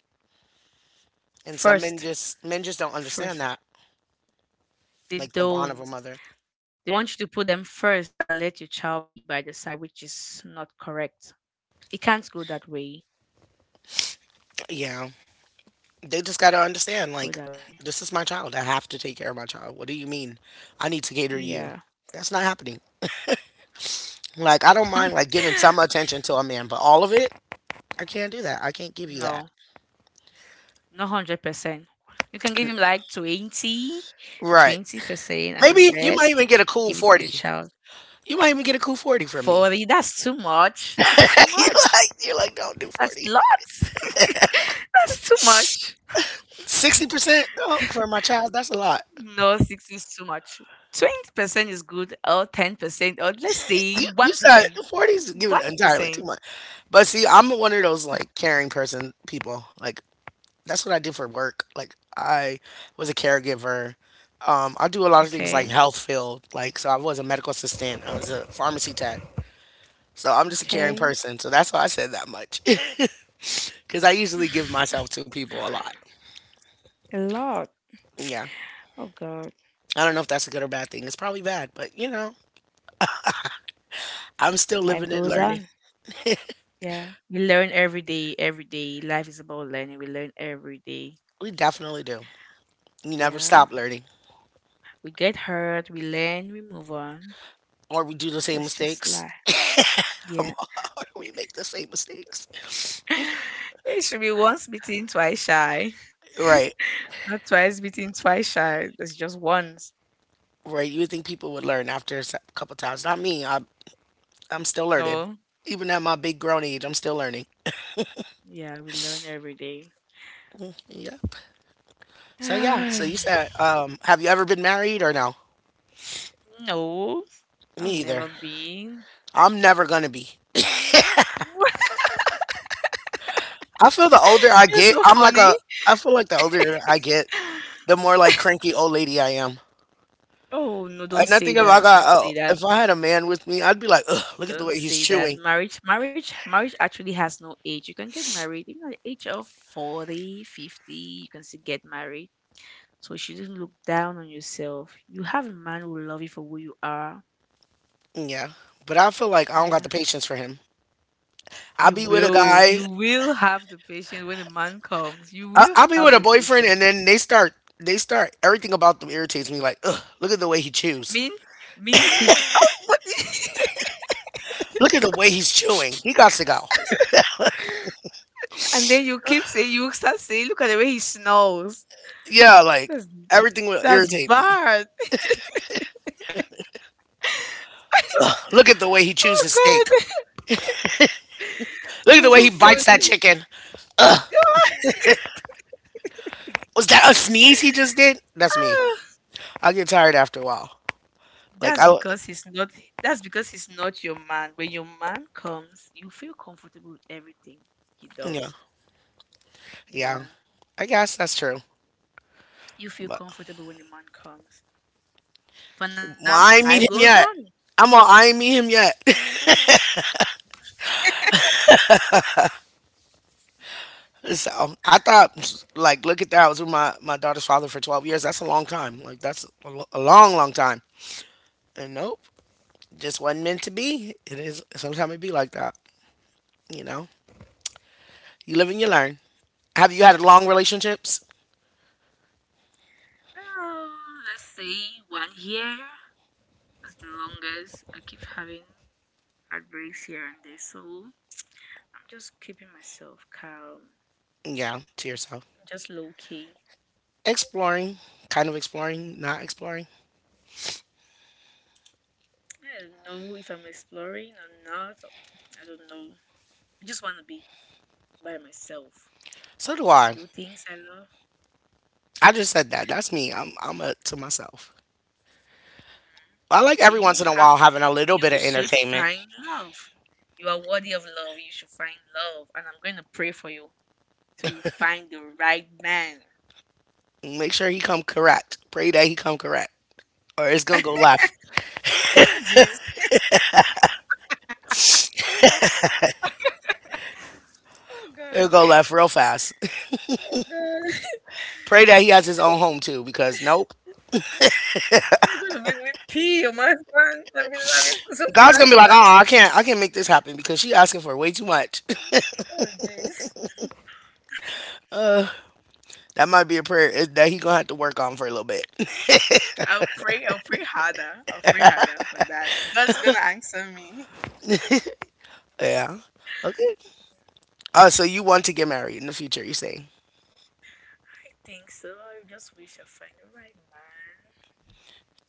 [SPEAKER 1] and some men
[SPEAKER 2] First.
[SPEAKER 1] just don't understand
[SPEAKER 2] First.
[SPEAKER 1] that,
[SPEAKER 2] They
[SPEAKER 1] like the bond of
[SPEAKER 2] don't.
[SPEAKER 1] a mother.
[SPEAKER 2] They want you to put them first and let your child be by the side, which is not correct. It can't go that way.
[SPEAKER 1] Yeah, they just got to
[SPEAKER 2] It can't go
[SPEAKER 1] understand
[SPEAKER 2] that
[SPEAKER 1] like
[SPEAKER 2] way.
[SPEAKER 1] this is my child. I have to take care of my child. What do you mean I need to cater to
[SPEAKER 2] Yeah.
[SPEAKER 1] you? That's not happening. Like I don't mind like giving some attention to a man, but all of it I can't do that. I can't give you that.
[SPEAKER 2] No, not 100%. You can give him like 20,
[SPEAKER 1] Right,
[SPEAKER 2] 20% and the
[SPEAKER 1] maybe you might even
[SPEAKER 2] rest
[SPEAKER 1] get a
[SPEAKER 2] you
[SPEAKER 1] cool
[SPEAKER 2] give it to your
[SPEAKER 1] 40.
[SPEAKER 2] child.
[SPEAKER 1] You might even get a cool 40 from me.
[SPEAKER 2] 40, that's too much. That's too
[SPEAKER 1] You,
[SPEAKER 2] much.
[SPEAKER 1] like, you're like, don't do
[SPEAKER 2] That's
[SPEAKER 1] 40?
[SPEAKER 2] lots. That's too much.
[SPEAKER 1] 60% no for my child? That's a lot.
[SPEAKER 2] No, 60 is too much. 20% is good, or 10%, or let's say
[SPEAKER 1] You said
[SPEAKER 2] 1%.
[SPEAKER 1] 40 is giving entirely too
[SPEAKER 2] 1%.
[SPEAKER 1] much. But see, I'm one of those like caring person people like that's what I did for work. Like I was a caregiver. I do a lot of things
[SPEAKER 2] Okay.
[SPEAKER 1] like health field. Like so, I was a medical assistant. I was a pharmacy tech. So I'm just a caring
[SPEAKER 2] Okay.
[SPEAKER 1] person. So that's why I said that much, because I usually give myself to people a lot.
[SPEAKER 2] A lot.
[SPEAKER 1] Yeah,
[SPEAKER 2] Oh God.
[SPEAKER 1] I don't know if that's a good or bad thing. It's probably bad, but you know, I'm still
[SPEAKER 2] Life
[SPEAKER 1] living and
[SPEAKER 2] goes
[SPEAKER 1] learning.
[SPEAKER 2] on. Yeah. We learn every day, every day. Life is about learning. We learn every day.
[SPEAKER 1] We definitely do. You never
[SPEAKER 2] Yeah.
[SPEAKER 1] stop learning,
[SPEAKER 2] We get hurt, we learn, we move on.
[SPEAKER 1] or we do the same
[SPEAKER 2] That's just life.
[SPEAKER 1] mistakes.
[SPEAKER 2] Yeah.
[SPEAKER 1] We make the same mistakes.
[SPEAKER 2] It should be once beaten, twice shy.
[SPEAKER 1] Right.
[SPEAKER 2] Not twice beaten, twice shy. That's just once.
[SPEAKER 1] Right, you would think people would learn after a couple times. Not me. I, I'm still learning.
[SPEAKER 2] No.
[SPEAKER 1] Even at my big grown age, I'm still learning.
[SPEAKER 2] Yeah, we learn every day.
[SPEAKER 1] Yeah. So yeah. So you said, have you ever been married or no?
[SPEAKER 2] No, I've
[SPEAKER 1] Me
[SPEAKER 2] never
[SPEAKER 1] either.
[SPEAKER 2] been.
[SPEAKER 1] I'm never gonna be. I feel the older I
[SPEAKER 2] You're
[SPEAKER 1] get,
[SPEAKER 2] so
[SPEAKER 1] I'm like
[SPEAKER 2] funny.
[SPEAKER 1] a. I feel like the older I get, the more like cranky old lady I am.
[SPEAKER 2] Oh no, don't
[SPEAKER 1] And I
[SPEAKER 2] say
[SPEAKER 1] think if I
[SPEAKER 2] that.
[SPEAKER 1] got,
[SPEAKER 2] Don't say
[SPEAKER 1] oh,
[SPEAKER 2] that.
[SPEAKER 1] if I had a man with me, I'd be like, ugh, look at the
[SPEAKER 2] Don't
[SPEAKER 1] way he's
[SPEAKER 2] say that.
[SPEAKER 1] chewing.
[SPEAKER 2] Marriage, marriage, marriage actually has no age. You can get married even at the age of 40, 50. You can still get married. So you shouldn't look down on yourself. You have a man who will love you for who you are.
[SPEAKER 1] Yeah. But I feel like I don't got the
[SPEAKER 2] Yeah.
[SPEAKER 1] patience for him. I
[SPEAKER 2] You
[SPEAKER 1] be with a
[SPEAKER 2] will.
[SPEAKER 1] guy.
[SPEAKER 2] You will have the patience when the man comes. You
[SPEAKER 1] I,
[SPEAKER 2] will
[SPEAKER 1] I'll be
[SPEAKER 2] have
[SPEAKER 1] with
[SPEAKER 2] the
[SPEAKER 1] a boyfriend,
[SPEAKER 2] patience.
[SPEAKER 1] and then they start. They start. Everything about them irritates me. Like, ugh, look at the way he chews.
[SPEAKER 2] Me, me, he's oh, what?
[SPEAKER 1] Look at the way he's chewing. He got to go.
[SPEAKER 2] And then you keep saying, you start saying, look at the way he snores.
[SPEAKER 1] Yeah, like
[SPEAKER 2] That's
[SPEAKER 1] everything will
[SPEAKER 2] that's
[SPEAKER 1] irritate me.
[SPEAKER 2] bad.
[SPEAKER 1] Look at the way he chews
[SPEAKER 2] Oh
[SPEAKER 1] his steak.
[SPEAKER 2] God,
[SPEAKER 1] Look at the
[SPEAKER 2] that's
[SPEAKER 1] way
[SPEAKER 2] so
[SPEAKER 1] he bites that
[SPEAKER 2] funny.
[SPEAKER 1] chicken. Was that a sneeze he just did? That's me.
[SPEAKER 2] Ah,
[SPEAKER 1] I get tired after a while. Like
[SPEAKER 2] that's
[SPEAKER 1] I,
[SPEAKER 2] because he's not. That's because he's not your man. When your man comes, you feel comfortable with everything he
[SPEAKER 1] yeah,
[SPEAKER 2] does.
[SPEAKER 1] yeah.
[SPEAKER 2] Yeah,
[SPEAKER 1] I guess that's true.
[SPEAKER 2] you feel
[SPEAKER 1] But
[SPEAKER 2] comfortable when the man comes. For now,
[SPEAKER 1] well, I ain't
[SPEAKER 2] life
[SPEAKER 1] meet him
[SPEAKER 2] goes
[SPEAKER 1] yet.
[SPEAKER 2] on.
[SPEAKER 1] I'm all. I ain't meet him yet. So I thought, like, look at that. I was with my daughter's father for 12 years. That's a long time. Like, that's a, a long, long time. And nope, just wasn't meant to be. It is, sometimes it be like that, you know? You live and you learn. Have you had long relationships?
[SPEAKER 2] Oh, let's say 1 year. As long as I keep having heartbreaks here and there. So I'm just keeping myself calm,
[SPEAKER 1] Yeah, to yourself.
[SPEAKER 2] just low key.
[SPEAKER 1] Exploring, kind of exploring, not exploring.
[SPEAKER 2] I don't know if I'm exploring or not. Or- I don't know. I just want to be by myself,
[SPEAKER 1] So do I.
[SPEAKER 2] do things I love.
[SPEAKER 1] I just said that. That's me. I'm a, to myself.
[SPEAKER 2] Mm.
[SPEAKER 1] I like
[SPEAKER 2] But
[SPEAKER 1] every once
[SPEAKER 2] you
[SPEAKER 1] in a while
[SPEAKER 2] have,
[SPEAKER 1] having a little bit of
[SPEAKER 2] you should
[SPEAKER 1] entertainment.
[SPEAKER 2] find love. You are worthy of love. You should find love, and I'm going to pray for you till you find the right man.
[SPEAKER 1] Make sure he come correct. Pray that he come correct, or it's gonna go left.
[SPEAKER 2] Oh jeez. Oh God.
[SPEAKER 1] It'll go left real fast.
[SPEAKER 2] Oh god.
[SPEAKER 1] Pray that he has his own home too, because nope.
[SPEAKER 2] You're gonna make me pee on my pants. I've been laughing for some
[SPEAKER 1] God's
[SPEAKER 2] time
[SPEAKER 1] gonna be like,
[SPEAKER 2] now.
[SPEAKER 1] oh, I can't make this happen because she asking for way too much.
[SPEAKER 2] Oh jeez.
[SPEAKER 1] That might be a prayer eh, that he gonna have to work on for a little bit.
[SPEAKER 2] I'll pray harder. I'll pray harder for that. God's gonna answer me.
[SPEAKER 1] Yeah. Okay. So you want to get married in the future? You saying?
[SPEAKER 2] I think so. I just wish I find the right man.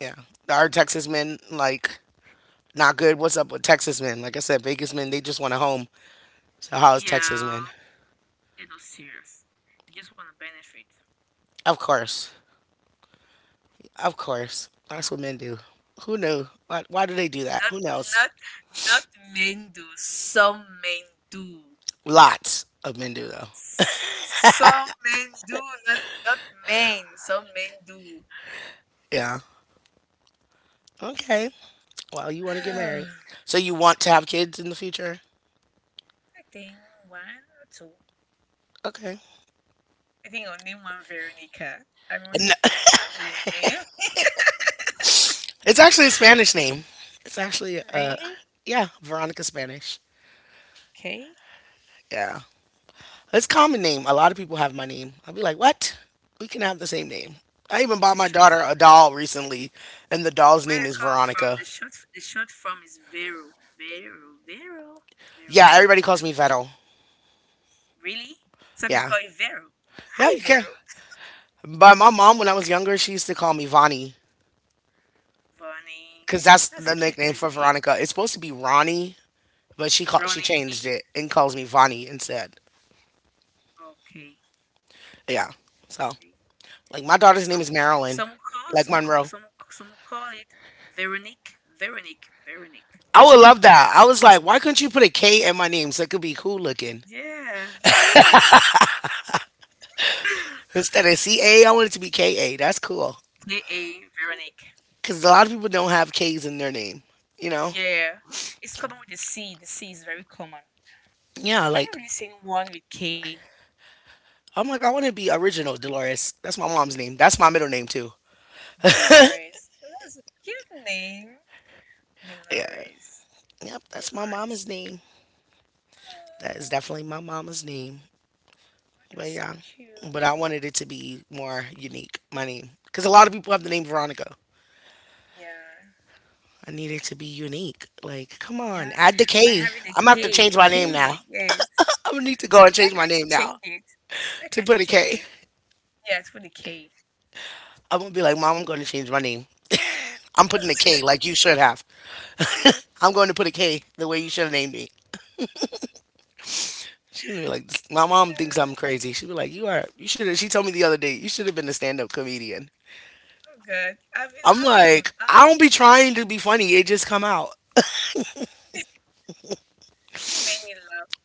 [SPEAKER 1] Yeah. Are Texas men like not good? What's up with Texas men? Like I said, Vegas men they just want a home. So how is Texas men?
[SPEAKER 2] Yeah, they're not serious. They just want to benefit.
[SPEAKER 1] Of course, of course. That's what men do. Who knew? Why do they do that?
[SPEAKER 2] Not,
[SPEAKER 1] Who knows?
[SPEAKER 2] not, not men do. Some men do.
[SPEAKER 1] Lots of men do though.
[SPEAKER 2] S- Some men do. Not, not men. Some men do.
[SPEAKER 1] Yeah. Okay. Well, you want to get married. So you want to have kids in the future?
[SPEAKER 2] I think one or two.
[SPEAKER 1] Okay.
[SPEAKER 2] I think only one Veronica. I'm really
[SPEAKER 1] No,
[SPEAKER 2] falling in love with your name.
[SPEAKER 1] it's actually a Spanish name. It's actually
[SPEAKER 2] Really?
[SPEAKER 1] yeah, Veronica Spanish.
[SPEAKER 2] Okay.
[SPEAKER 1] Yeah. It's a common name. A lot of people have my name. I'll be like, "What? We can have the same name." I even
[SPEAKER 2] It's
[SPEAKER 1] bought
[SPEAKER 2] a
[SPEAKER 1] my
[SPEAKER 2] short. F-
[SPEAKER 1] daughter a doll recently, and the doll's
[SPEAKER 2] Where
[SPEAKER 1] name
[SPEAKER 2] I
[SPEAKER 1] is
[SPEAKER 2] come from,
[SPEAKER 1] Veronica.
[SPEAKER 2] the the short form is Vero, Vero, Vero,
[SPEAKER 1] Yeah,
[SPEAKER 2] Vero,
[SPEAKER 1] everybody calls me
[SPEAKER 2] Veroni.
[SPEAKER 1] Vero.
[SPEAKER 2] Really? So I can
[SPEAKER 1] Yeah.
[SPEAKER 2] call you Vero.
[SPEAKER 1] Yeah,
[SPEAKER 2] Hi,
[SPEAKER 1] you can.
[SPEAKER 2] Vero.
[SPEAKER 1] But my mom, when I was younger, she used to call me Vonnie,
[SPEAKER 2] Vonnie.
[SPEAKER 1] because
[SPEAKER 2] That's
[SPEAKER 1] that's
[SPEAKER 2] a
[SPEAKER 1] the
[SPEAKER 2] cute pet
[SPEAKER 1] nickname for
[SPEAKER 2] name.
[SPEAKER 1] Veronica. It's supposed to be Ronnie, but she
[SPEAKER 2] Ronnie.
[SPEAKER 1] changed it and calls me Vonnie instead.
[SPEAKER 2] Okay.
[SPEAKER 1] Yeah.
[SPEAKER 2] Okay.
[SPEAKER 1] So like my
[SPEAKER 2] Some
[SPEAKER 1] daughter's name is
[SPEAKER 2] some will
[SPEAKER 1] Marilyn,
[SPEAKER 2] call some will-
[SPEAKER 1] like
[SPEAKER 2] some will-
[SPEAKER 1] Monroe.
[SPEAKER 2] some will call it Veronique, Veronique, Veronique.
[SPEAKER 1] I would love that. I was like, why couldn't you put a K in my name so it could be cool looking
[SPEAKER 2] Yeah, Veronique.
[SPEAKER 1] instead of C A? I want it to be K A. That's cool
[SPEAKER 2] KA. Veronique.
[SPEAKER 1] because a lot of people don't have K's in their name. You know?
[SPEAKER 2] Yeah. It's common with the C. The C is very common.
[SPEAKER 1] Yeah.
[SPEAKER 2] I haven't
[SPEAKER 1] Like
[SPEAKER 2] really seen one with K.
[SPEAKER 1] I want to be original. Dolores. That's my mom's name. That's my middle name too.
[SPEAKER 2] Dolores. That's a cute name.
[SPEAKER 1] Yeah.
[SPEAKER 2] Dolores.
[SPEAKER 1] Yep. That's my
[SPEAKER 2] Dolores.
[SPEAKER 1] mama's name. That
[SPEAKER 2] Oh,
[SPEAKER 1] is definitely my mama's name. But
[SPEAKER 2] that's so
[SPEAKER 1] yeah,
[SPEAKER 2] cute.
[SPEAKER 1] but I wanted it to be more unique. My name, because a lot of people have the name Veronica.
[SPEAKER 2] Yeah.
[SPEAKER 1] I need it to be unique. Like, come on,
[SPEAKER 2] Yeah.
[SPEAKER 1] add the
[SPEAKER 2] By
[SPEAKER 1] K.
[SPEAKER 2] having a
[SPEAKER 1] I'm gonna have to change
[SPEAKER 2] K.
[SPEAKER 1] my name now.
[SPEAKER 2] K. Yes.
[SPEAKER 1] I'm gonna need to go and change
[SPEAKER 2] Why
[SPEAKER 1] my
[SPEAKER 2] can't
[SPEAKER 1] name
[SPEAKER 2] you
[SPEAKER 1] now
[SPEAKER 2] change it? Why
[SPEAKER 1] to put
[SPEAKER 2] can't
[SPEAKER 1] a
[SPEAKER 2] you
[SPEAKER 1] K.
[SPEAKER 2] change it? Yeah, it's with a K.
[SPEAKER 1] I'm gonna be like, Mom, I'm gonna change my name. I'm putting a K like you should have. I'm going to put a K the way you should have named me. She's gonna be like, "This- my mom thinks I'm
[SPEAKER 2] Oh,
[SPEAKER 1] crazy. She'd be like, you are. You should have. She told me the other day, you should have been a stand up comedian.
[SPEAKER 2] God. Oh, God. I've been
[SPEAKER 1] I'm
[SPEAKER 2] laughing for
[SPEAKER 1] like,
[SPEAKER 2] some
[SPEAKER 1] I
[SPEAKER 2] hours.
[SPEAKER 1] don't be trying to be funny. It just come out.
[SPEAKER 2] You made me laugh.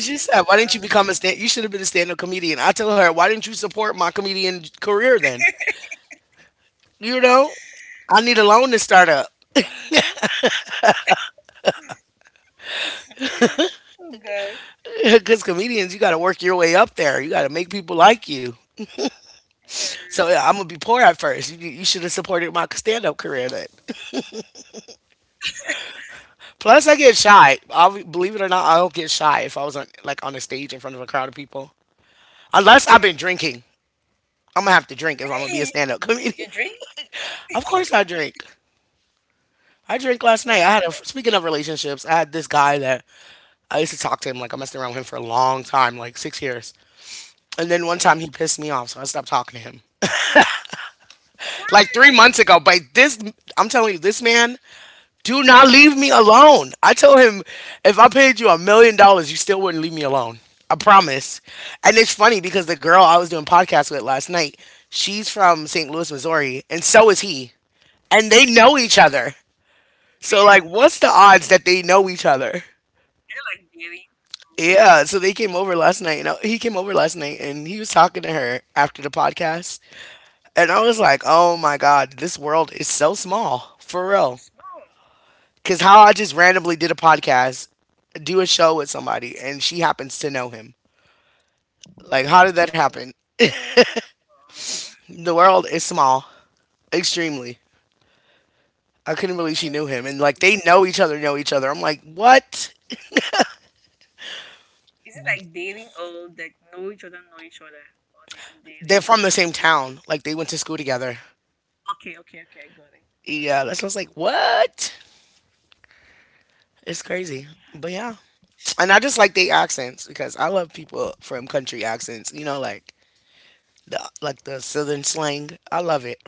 [SPEAKER 1] She
[SPEAKER 2] I've
[SPEAKER 1] said, "Why
[SPEAKER 2] been
[SPEAKER 1] didn't you become a
[SPEAKER 2] laughing.
[SPEAKER 1] stand? You should have been a stand-up comedian." I told her, "Why didn't you support my comedian career then? You know, I need a loan to start up
[SPEAKER 2] Oh God.
[SPEAKER 1] because comedians, you got to work your way up there. You got to make people like you. So
[SPEAKER 2] Yeah.
[SPEAKER 1] yeah, I'm gonna be poor at first. You should have supported my stand-up career then. Plus, I get shy. I'll, believe it or not, I'll get shy if I was on like on a stage in front of a crowd of people. Unless I've
[SPEAKER 2] Okay.
[SPEAKER 1] been drinking, I'm gonna have to drink if I'm gonna be a
[SPEAKER 2] Really?
[SPEAKER 1] stand-up
[SPEAKER 2] You
[SPEAKER 1] comedian.
[SPEAKER 2] drink?
[SPEAKER 1] Of course, I drink. I drank last
[SPEAKER 2] What?
[SPEAKER 1] night. I had a speaking of relationships. I had this guy that I used to talk to him like I messed around with him for a long time, like 6 years. And then one time
[SPEAKER 2] Okay.
[SPEAKER 1] he pissed me off, so I stopped talking to him. Like three
[SPEAKER 2] Why?
[SPEAKER 1] months ago, but this I'm telling you, this man, do not leave me alone. I told him if I paid you $1 million, you still wouldn't leave me alone. I promise. And it's funny because the girl I was doing podcasts with last night, she's from St. Louis, Missouri, and so is he. And they know
[SPEAKER 2] Oh,
[SPEAKER 1] each other. So like
[SPEAKER 2] really? I
[SPEAKER 1] what's the odds that they know each other?
[SPEAKER 2] don't like dairy. Oh,
[SPEAKER 1] Yeah, so they came over last night. You know, he came over last night and he was talking to her after the podcast. And I was
[SPEAKER 2] yeah.
[SPEAKER 1] like, oh my God, this world is so small, for real.
[SPEAKER 2] So small.
[SPEAKER 1] Because how I just randomly did a podcast, do a show with somebody, and she happens to know him. Like, how did that happen?
[SPEAKER 2] Oh. Oh.
[SPEAKER 1] The world is small, extremely. I couldn't
[SPEAKER 2] Hey,
[SPEAKER 1] believe she
[SPEAKER 2] that's
[SPEAKER 1] knew him. And like,
[SPEAKER 2] true.
[SPEAKER 1] they know each other, know each other. I'm like, what?
[SPEAKER 2] Is it like dating or like know each other, or they are
[SPEAKER 1] They're
[SPEAKER 2] dating?
[SPEAKER 1] from the same town. Like, they went to school together.
[SPEAKER 2] Okay, okay, okay. I got it. I got
[SPEAKER 1] Yeah,
[SPEAKER 2] it.
[SPEAKER 1] that's what I was like, what? It's crazy. But yeah. And I just like they accents because I love people from country accents. You know, like the southern slang. I love it.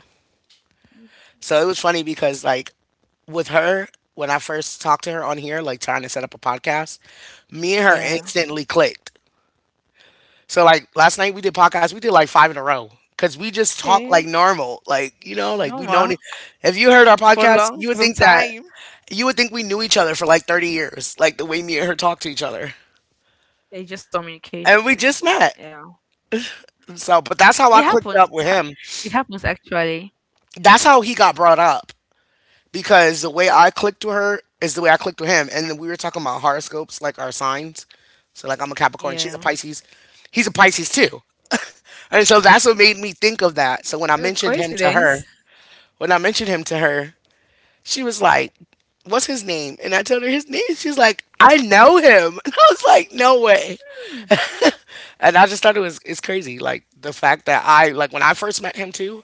[SPEAKER 2] Mm,
[SPEAKER 1] So it
[SPEAKER 2] okay.
[SPEAKER 1] was funny because like with her when I first talked to her on here, like trying to set up a podcast, me and her
[SPEAKER 2] Yeah.
[SPEAKER 1] instantly clicked. So like last night we did podcasts. We did like five in a row because we just talk like
[SPEAKER 2] Yeah.
[SPEAKER 1] normal. Like you know, like we know.
[SPEAKER 2] Normal.
[SPEAKER 1] If you heard our podcast,
[SPEAKER 2] For
[SPEAKER 1] you would
[SPEAKER 2] long,
[SPEAKER 1] think
[SPEAKER 2] for some time.
[SPEAKER 1] we knew each other for like 30 years. Like the way me and her talk to each other,
[SPEAKER 2] It's just
[SPEAKER 1] and we
[SPEAKER 2] communication.
[SPEAKER 1] just met.
[SPEAKER 2] Yeah,
[SPEAKER 1] So, but that's
[SPEAKER 2] it
[SPEAKER 1] how I clicked
[SPEAKER 2] happens.
[SPEAKER 1] up with him.
[SPEAKER 2] It happens actually.
[SPEAKER 1] That's how he got brought up because the way I clicked with her is the way I clicked with him. And then we were talking about horoscopes, like our signs. So, like, I'm a Capricorn, she's a
[SPEAKER 2] Yeah.
[SPEAKER 1] Pisces, he's a Pisces too. And so that's what made me think of that. So,
[SPEAKER 2] What a coincidence.
[SPEAKER 1] when I mentioned him to her, she was like, what's his name? And I told her his name. She's like, I know him. And I was like, no way.
[SPEAKER 2] Hmm.
[SPEAKER 1] And I just thought it was it's crazy. Like the fact that I like when I first met him too,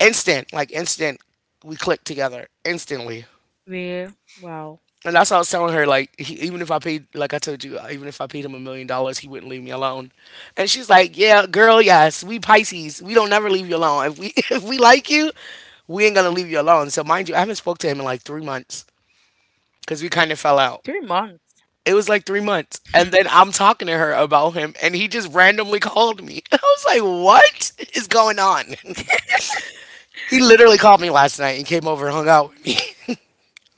[SPEAKER 1] instant, like instant, we clicked together instantly.
[SPEAKER 2] Well, wow.
[SPEAKER 1] And that's how I was telling her, like, he, even if I paid, like I told you, even if I paid him a million dollars, he wouldn't leave me alone. And she's like, yeah, girl, yes, we Pisces, we don't never leave you alone. If we if we like you, we ain't gonna leave you alone. So mind you, I haven't spoke to him in like 3 months because we kind of fell out.
[SPEAKER 2] 3 months.
[SPEAKER 1] It was like 3 months,
[SPEAKER 2] Hmm.
[SPEAKER 1] and then I'm talking to her about him, and he just randomly called me. I was like, "What is going on?" He literally called me last night and came over and hung out with me.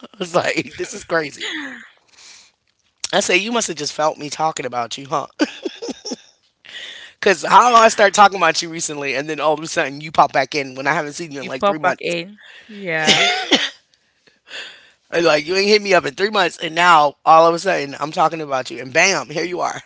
[SPEAKER 1] was like, this is crazy. I say, you must have just felt me talking about you, huh? Because how I start talking about you recently, and then all of a sudden you pop back in when I haven't seen you in
[SPEAKER 2] You
[SPEAKER 1] like three
[SPEAKER 2] pop back
[SPEAKER 1] months.
[SPEAKER 2] in. Yeah.
[SPEAKER 1] And, like, you ain't hit me up in 3 months, and now all of a sudden I'm talking about you, and bam, here you are.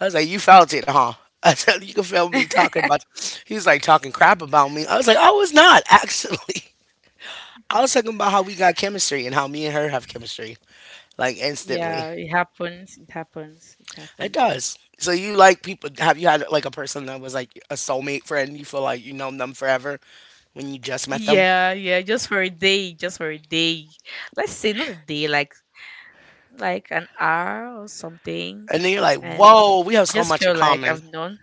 [SPEAKER 1] I was like, you felt it, huh? I said, you can feel me talking about you. He was like talking crap about me. I was like, I was not, actually. I was talking about how we got chemistry and how me and her have chemistry, like instantly.
[SPEAKER 2] Yeah, it happens. It happens. It
[SPEAKER 1] It
[SPEAKER 2] happens.
[SPEAKER 1] does. So you like people? Have you had like a person that was like a soulmate friend? You feel like you known them forever when you just met them,
[SPEAKER 2] Yeah, yeah, just for a day, just for a day. Let's say not a day, like an hour or something,
[SPEAKER 1] and then you're like,
[SPEAKER 2] and
[SPEAKER 1] "Whoa, we have so
[SPEAKER 2] just
[SPEAKER 1] much
[SPEAKER 2] feel
[SPEAKER 1] in
[SPEAKER 2] like
[SPEAKER 1] common."
[SPEAKER 2] I've known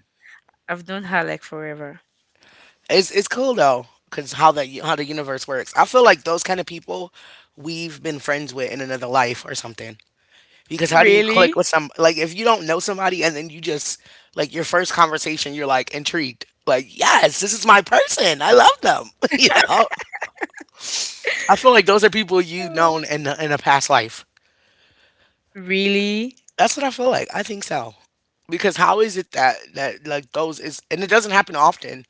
[SPEAKER 2] I've known her like forever.
[SPEAKER 1] It's cool though, cause how that how the universe works. I feel like those kind of people we've been friends with in another life or something. Because how do you click
[SPEAKER 2] Really?
[SPEAKER 1] with some like if you don't know somebody and then you just like your first conversation, you're like intrigued, like yes, this is my person. I love them, you know. I feel like those are people you known
[SPEAKER 2] Oh,
[SPEAKER 1] in the, in a past life.
[SPEAKER 2] really?
[SPEAKER 1] That's what I feel like. I think so. Because how is it that that like those is and it doesn't happen often,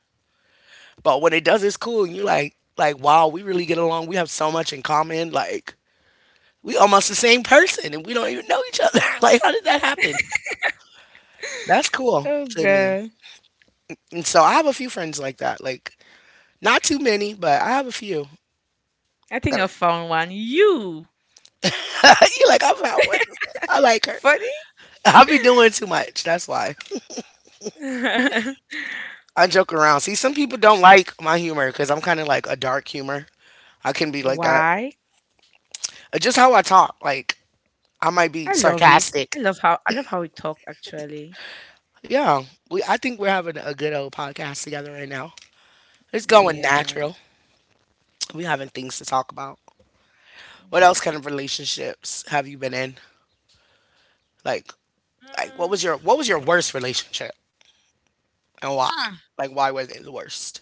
[SPEAKER 1] but when it does, it's cool. And you like wow, we really get along. We have so much in common. Like we almost the same person, and we don't even know each other. Like how did that happen? That's cool
[SPEAKER 2] Oh
[SPEAKER 1] to me.
[SPEAKER 2] God,
[SPEAKER 1] And so I have a few friends like that. Like not too many, but I have a few.
[SPEAKER 2] I think I found one. You
[SPEAKER 1] You like I found one. I like her.
[SPEAKER 2] funny?
[SPEAKER 1] I be doing too much. That's why. I joke around. See, some people don't like my humor because I'm kind of like a dark humor. I can be like that.
[SPEAKER 2] Why?
[SPEAKER 1] Just how I talk, like I might be
[SPEAKER 2] I love it. I
[SPEAKER 1] sarcastic.
[SPEAKER 2] love how I love how we talk actually.
[SPEAKER 1] Yeah, we. I think we're having a good old podcast together right now. It's going
[SPEAKER 2] Yeah.
[SPEAKER 1] natural. We having things to talk about. What else kind of relationships have you been in? Like, like what was your worst relationship and why?
[SPEAKER 2] Mm,
[SPEAKER 1] Like, why was it the worst?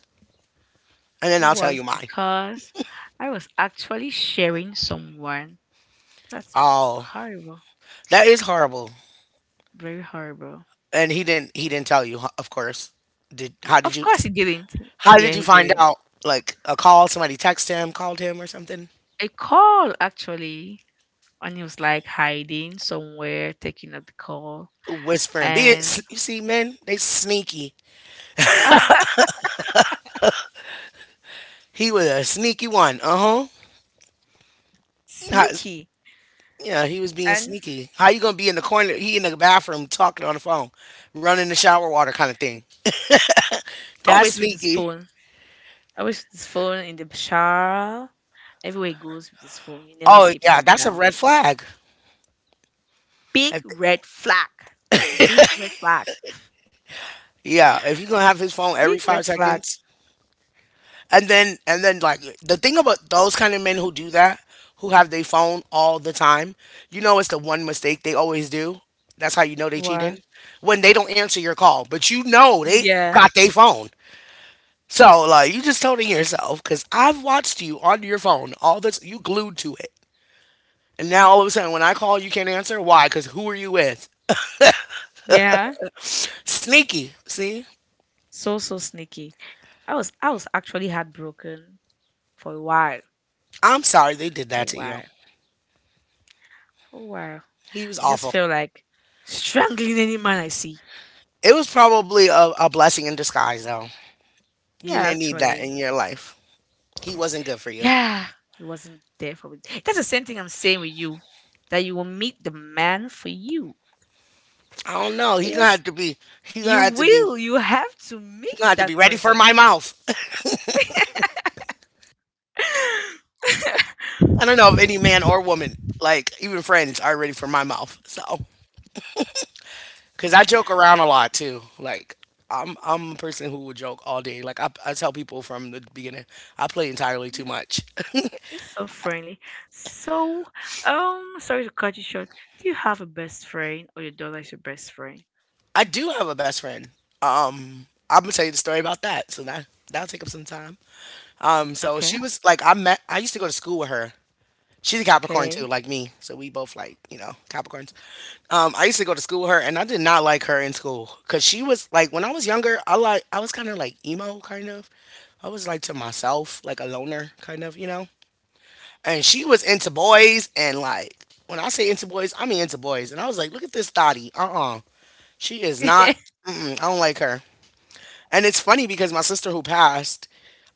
[SPEAKER 1] And then I'll tell
[SPEAKER 2] was
[SPEAKER 1] you mine.
[SPEAKER 2] because I was actually sharing someone. That's
[SPEAKER 1] Oh,
[SPEAKER 2] horrible.
[SPEAKER 1] that is horrible.
[SPEAKER 2] Very horrible.
[SPEAKER 1] And he didn't tell you, huh, of course. Did how did
[SPEAKER 2] Of
[SPEAKER 1] you?
[SPEAKER 2] course he didn't.
[SPEAKER 1] How
[SPEAKER 2] Yeah,
[SPEAKER 1] did you
[SPEAKER 2] he
[SPEAKER 1] find
[SPEAKER 2] didn't.
[SPEAKER 1] out? Like a call, somebody text him, called him or something,
[SPEAKER 2] A call actually. And he was like hiding somewhere, taking up the call.
[SPEAKER 1] whispering. Be it,
[SPEAKER 2] And
[SPEAKER 1] you see, men, they sneaky. He was a sneaky one. Uh huh.
[SPEAKER 2] sneaky.
[SPEAKER 1] Yeah, he was being
[SPEAKER 2] And
[SPEAKER 1] sneaky. How you gonna be in the corner? He in the bathroom talking on the phone, running the shower water kind of thing. That's
[SPEAKER 2] always with his
[SPEAKER 1] sneaky.
[SPEAKER 2] phone. Always with his phone in the shower. Everywhere he goes with his phone. He never
[SPEAKER 1] Oh
[SPEAKER 2] keeps
[SPEAKER 1] yeah,
[SPEAKER 2] it
[SPEAKER 1] that's a
[SPEAKER 2] down.
[SPEAKER 1] red flag.
[SPEAKER 2] Big
[SPEAKER 1] If-
[SPEAKER 2] red flag. Big red flag.
[SPEAKER 1] yeah, if you gonna have his phone every
[SPEAKER 2] Big red
[SPEAKER 1] five
[SPEAKER 2] flag.
[SPEAKER 1] seconds, and then like the thing about those kind of men who do that who have their phone all the time, you know it's the one mistake they always do, that's how you know they
[SPEAKER 2] Wow.
[SPEAKER 1] cheating, when they don't answer your call but you know they
[SPEAKER 2] Yeah,
[SPEAKER 1] got their phone. So like you just told it yourself because I've watched you on your phone all this you glued to it, and now all of a sudden when I call you can't answer. Why? Because who are you with?
[SPEAKER 2] yeah.
[SPEAKER 1] Sneaky, see.
[SPEAKER 2] So sneaky. I was actually heartbroken for a while.
[SPEAKER 1] I'm sorry they did
[SPEAKER 2] For a
[SPEAKER 1] that to
[SPEAKER 2] while.
[SPEAKER 1] you.
[SPEAKER 2] For a while.
[SPEAKER 1] He was
[SPEAKER 2] I just
[SPEAKER 1] awful.
[SPEAKER 2] felt like strangling any man I see.
[SPEAKER 1] It was probably a blessing in disguise though. You
[SPEAKER 2] Yeah,
[SPEAKER 1] didn't need that
[SPEAKER 2] actually.
[SPEAKER 1] in your life. He wasn't good for you.
[SPEAKER 2] Yeah. He wasn't there for me. That's the same thing I'm saying with you. That you will meet the man for you.
[SPEAKER 1] I don't know.
[SPEAKER 2] But
[SPEAKER 1] He gonna have to be. He gonna
[SPEAKER 2] you
[SPEAKER 1] have to be.
[SPEAKER 2] will. You have to
[SPEAKER 1] He
[SPEAKER 2] meet
[SPEAKER 1] gonna have to be
[SPEAKER 2] that
[SPEAKER 1] ready for my
[SPEAKER 2] person.
[SPEAKER 1] mouth. I don't know if any man or woman, like even friends, are ready for my mouth. So, cause I joke around a lot too. Like I'm a person who will joke all day. Like I tell people from the beginning, I play entirely too
[SPEAKER 2] Yeah.
[SPEAKER 1] much.
[SPEAKER 2] You're so friendly. So, sorry to cut you short. Do you have a best friend or your daughter is your best friend?
[SPEAKER 1] I do have a best friend. I'm gonna tell you the story about that. So that'll take up some time. So she
[SPEAKER 2] Okay,
[SPEAKER 1] was like, I met. I used to go to school with her. She's a Capricorn
[SPEAKER 2] okay.
[SPEAKER 1] too, like me. So we both like, you know, Capricorns. I used to go to school with her, and I did not like her in school because she was like, when I was younger, I like, I was kind of like emo, kind of. I was like to myself, like a loner, kind of, you know. And she was into boys, and like, when I say into boys, I mean into boys. And I was like, look at this thotty. Uh. She is not,
[SPEAKER 2] I'm
[SPEAKER 1] mm-mm, I don't like her. And it's funny because my sister who passed,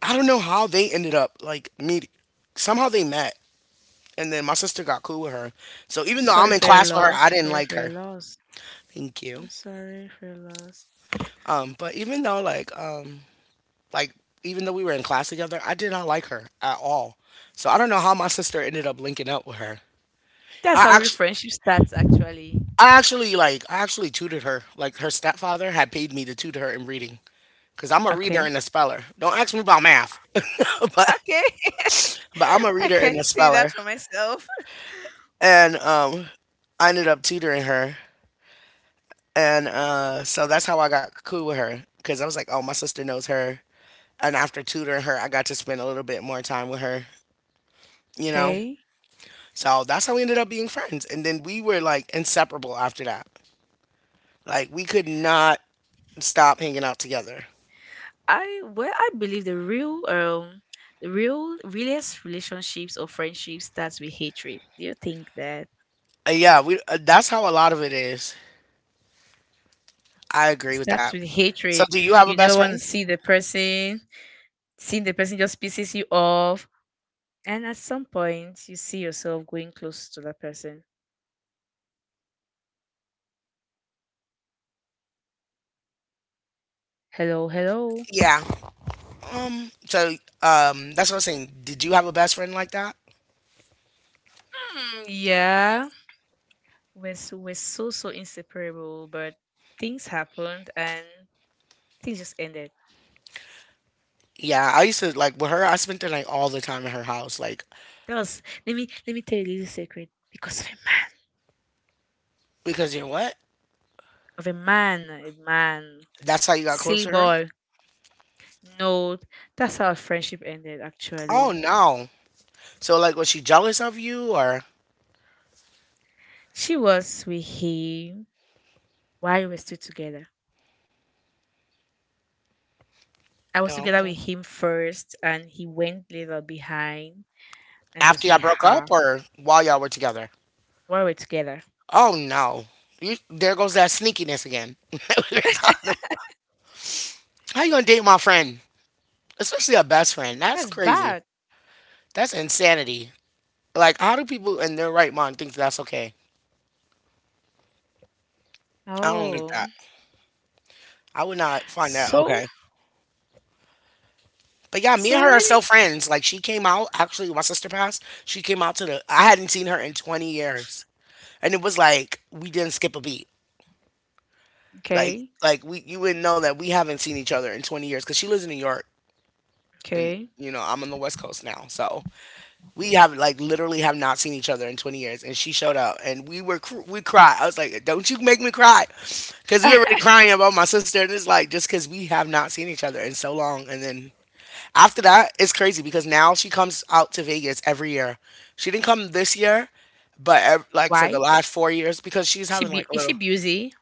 [SPEAKER 1] I don't know how they ended up like meeting. Somehow they met and then my sister got cool with her. So even though I'm
[SPEAKER 2] sorry
[SPEAKER 1] in
[SPEAKER 2] for your
[SPEAKER 1] class with her,
[SPEAKER 2] loss.
[SPEAKER 1] I didn't
[SPEAKER 2] Sorry
[SPEAKER 1] like
[SPEAKER 2] for
[SPEAKER 1] her.
[SPEAKER 2] your loss.
[SPEAKER 1] Thank you.
[SPEAKER 2] I'm sorry for your loss.
[SPEAKER 1] But even though like even though we were in class together, I did not like her at all. So I don't know how my sister ended up linking up with her.
[SPEAKER 2] That's
[SPEAKER 1] I
[SPEAKER 2] how your
[SPEAKER 1] actually
[SPEAKER 2] friendship starts, actually.
[SPEAKER 1] I actually I actually tutored her. Like her stepfather had paid me to tutor her in reading cuz I'm a reader
[SPEAKER 2] Okay,
[SPEAKER 1] and a speller. Don't ask me about math.
[SPEAKER 2] okay.
[SPEAKER 1] But I'm a
[SPEAKER 2] I
[SPEAKER 1] reader and
[SPEAKER 2] can
[SPEAKER 1] a
[SPEAKER 2] see that
[SPEAKER 1] speller.
[SPEAKER 2] for myself.
[SPEAKER 1] And I ended up tutoring her. And so that's how I got cool with her because I was like, oh, my sister knows her. And after tutoring her, I got to spend a little bit more time with her, you know?
[SPEAKER 2] Okay.
[SPEAKER 1] So that's how we ended up being friends. And then we were like inseparable after that. Like we could not stop hanging out together.
[SPEAKER 2] I well, I believe the real the real realest relationships or friendships starts with hatred. Do you think that?
[SPEAKER 1] Yeah, we that's how a lot of it is. I agree
[SPEAKER 2] It
[SPEAKER 1] with
[SPEAKER 2] starts
[SPEAKER 1] that.
[SPEAKER 2] with
[SPEAKER 1] So
[SPEAKER 2] hatred.
[SPEAKER 1] do you have a
[SPEAKER 2] You never
[SPEAKER 1] best
[SPEAKER 2] want to
[SPEAKER 1] friend?
[SPEAKER 2] see the person. Seeing the person just pisses you off. And at some point, you see yourself going close to that person. Hello, hello.
[SPEAKER 1] Yeah. So that's what I was saying. Did you have a best friend like that?
[SPEAKER 2] Hmm, yeah. We're so, so inseparable, but things happened and things just ended.
[SPEAKER 1] Yeah, I used to like with her. I spent the night all the time at her house, like
[SPEAKER 2] Let me tell you a little secret. Because of a man.
[SPEAKER 1] because you know what?
[SPEAKER 2] Of a man. A man.
[SPEAKER 1] That's how you got close
[SPEAKER 2] Silly
[SPEAKER 1] to her?
[SPEAKER 2] boy. No, that's how our friendship ended,
[SPEAKER 1] Oh
[SPEAKER 2] actually.
[SPEAKER 1] no. So like was she jealous of you or—
[SPEAKER 2] She was with him while we were still together. I was
[SPEAKER 1] oh,
[SPEAKER 2] together
[SPEAKER 1] okay.
[SPEAKER 2] with him first, and he went later behind and
[SPEAKER 1] After
[SPEAKER 2] was
[SPEAKER 1] y'all
[SPEAKER 2] with
[SPEAKER 1] broke
[SPEAKER 2] her
[SPEAKER 1] up or while y'all were together?
[SPEAKER 2] while we were together.
[SPEAKER 1] Oh no. You, there goes that sneakiness again. that We were talking about— how you gonna date my friend? Especially a best friend. That's
[SPEAKER 2] That's
[SPEAKER 1] crazy.
[SPEAKER 2] bad.
[SPEAKER 1] That's insanity. Like how do people in their right mind think that's okay? I don't get
[SPEAKER 2] Oh,
[SPEAKER 1] that. I would not find that
[SPEAKER 2] so
[SPEAKER 1] okay. But yeah, me
[SPEAKER 2] so
[SPEAKER 1] and her are
[SPEAKER 2] let
[SPEAKER 1] still
[SPEAKER 2] me.
[SPEAKER 1] friends. Like she came out, actually my sister passed. She came out to the— I hadn't seen her in 20 years. And it was like we didn't skip a beat. Like
[SPEAKER 2] Okay,
[SPEAKER 1] like we you wouldn't know that we haven't seen each other in 20 years because she lives in New York, and
[SPEAKER 2] okay.
[SPEAKER 1] you know I'm on the West Coast now, so we have like literally have not seen each other in 20 years. And she showed up and we were we cried. I was like, "Don't you make me cry," because we were already crying about my sister. And it's like just because we have not seen each other in so long, and then. After that, it's crazy because now she comes out to Vegas every year. She didn't come this year, but like for the
[SPEAKER 2] Why?
[SPEAKER 1] last 4 years because she's
[SPEAKER 2] She
[SPEAKER 1] having
[SPEAKER 2] be
[SPEAKER 1] like a
[SPEAKER 2] Is she
[SPEAKER 1] little,
[SPEAKER 2] busy?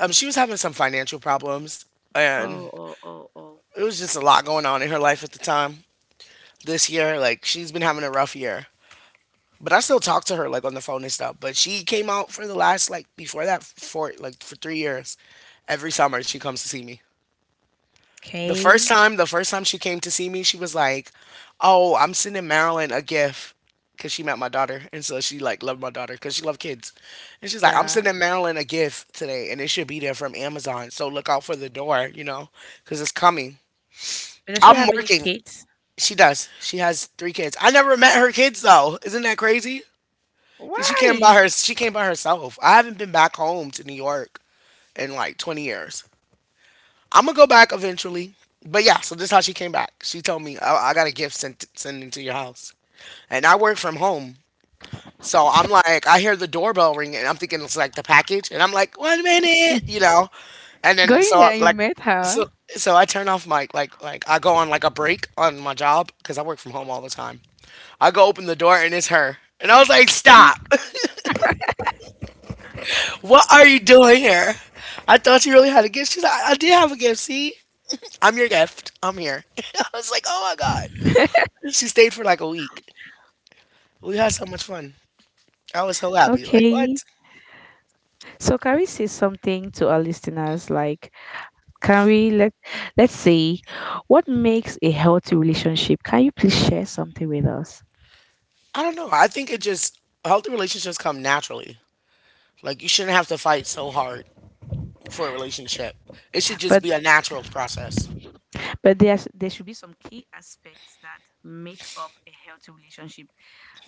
[SPEAKER 1] she was having some financial problems, and
[SPEAKER 2] Oh, oh, oh, oh.
[SPEAKER 1] it was just a lot going on in her life at the time. This year, like she's been having a rough year, but I still talk to her like on the phone and stuff. But she came out for the last— like before that— for like for 3 years. Every summer she comes to see me. The first
[SPEAKER 2] Okay.
[SPEAKER 1] time, the first time she came to see me, she was like, "Oh, I'm sending Marilyn a gift." 'Cause she met my daughter, and so she like loved my daughter, 'cause she loved kids, and she's like, "I'm
[SPEAKER 2] Yeah.
[SPEAKER 1] sending Marilyn a gift today, and it should be there from Amazon. So look out for the door, you know, 'cause it's coming."
[SPEAKER 2] But does she have
[SPEAKER 1] I'm
[SPEAKER 2] any
[SPEAKER 1] working.
[SPEAKER 2] kids?
[SPEAKER 1] She does. She has three kids. I never met her kids though. Isn't that crazy? She came by
[SPEAKER 2] Why?
[SPEAKER 1] her— she came by herself. I haven't been back home to New York in like 20 years. I'm gonna go back eventually. But yeah, so this is how she came back. She told me I got a gift sent to your house, and I work from home. So I'm like, I hear the doorbell ring, and I'm thinking it's like the package, and I'm like, one minute, you know, and then
[SPEAKER 2] Going
[SPEAKER 1] so I,
[SPEAKER 2] there, you
[SPEAKER 1] like,
[SPEAKER 2] met
[SPEAKER 1] so
[SPEAKER 2] her.
[SPEAKER 1] so I turn off my, like I go on like a break on my job because I work from home all the time. I go open the door and it's her, and I was like, stop, what are you doing here? I thought you really had a gift. She's like, I did have a gift. See, I'm your gift. I'm here. I was like, oh my God. She stayed for like a week. We had so much fun. I was so happy. Like, what?
[SPEAKER 2] Okay. So can we say something to our listeners, like, Can we let let's see what makes a healthy relationship? Can you please share something with us?
[SPEAKER 1] I don't know. I think it just— healthy relationships come naturally. Like, you shouldn't have to fight so hard for a relationship. It should just
[SPEAKER 2] But
[SPEAKER 1] be a natural process.
[SPEAKER 2] but there should be some key aspects that make up a healthy relationship.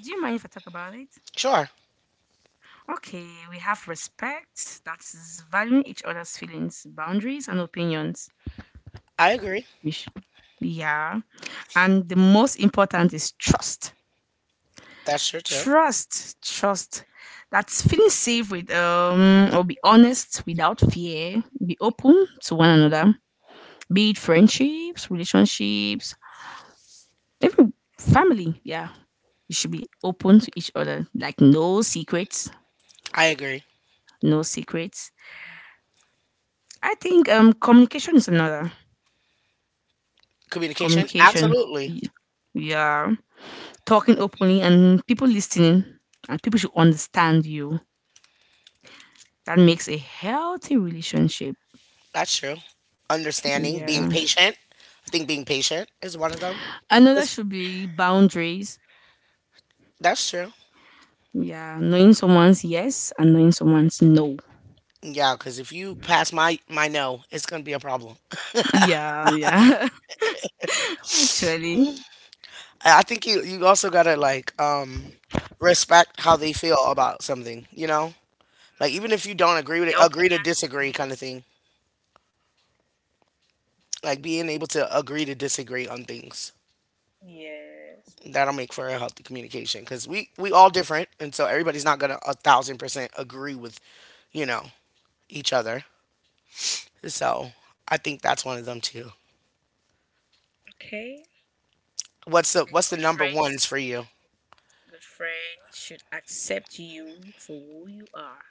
[SPEAKER 2] Do you mind if I talk about it?
[SPEAKER 1] Sure.
[SPEAKER 2] Okay, we have respect, that's valuing each other's feelings, boundaries, and opinions.
[SPEAKER 1] I agree.
[SPEAKER 2] We sh- yeah. And the most important is trust.
[SPEAKER 1] That's true too.
[SPEAKER 2] Trust, trust. That's feeling safe with or be honest without fear. Be open to one another. Be it friendships, relationships, even family. Yeah. You should be open to each other. Like no secrets.
[SPEAKER 1] I agree.
[SPEAKER 2] No secrets. I think communication is another.
[SPEAKER 1] Communication,
[SPEAKER 2] Communication.
[SPEAKER 1] absolutely.
[SPEAKER 2] Yeah. Talking openly and people listening. And people should understand you. That makes a healthy relationship.
[SPEAKER 1] That's true. Understanding, being
[SPEAKER 2] Yeah.
[SPEAKER 1] patient. I think being patient is one of them.
[SPEAKER 2] Another
[SPEAKER 1] 'Cause—
[SPEAKER 2] should be boundaries.
[SPEAKER 1] that's true.
[SPEAKER 2] Yeah, knowing someone's yes and knowing someone's no.
[SPEAKER 1] Yeah, because if you pass my no, it's gonna be a problem.
[SPEAKER 2] Yeah, yeah. Actually,
[SPEAKER 1] I think you also gotta like respect how they feel about something, you know? Like even if you don't agree with it,
[SPEAKER 2] their
[SPEAKER 1] agree to
[SPEAKER 2] opinions and
[SPEAKER 1] disagree kind of
[SPEAKER 2] things.
[SPEAKER 1] thing. Like being able to agree to disagree on things.
[SPEAKER 2] Yes.
[SPEAKER 1] That'll make for a healthy communication because we all different, and so everybody's not gonna 1000% agree with, you know, each other. So I think that's one of them too.
[SPEAKER 2] Yeah. Okay.
[SPEAKER 1] What's the
[SPEAKER 2] And
[SPEAKER 1] what's the
[SPEAKER 2] good
[SPEAKER 1] number
[SPEAKER 2] friends,
[SPEAKER 1] ones for you?
[SPEAKER 2] good friends should accept you for who you are.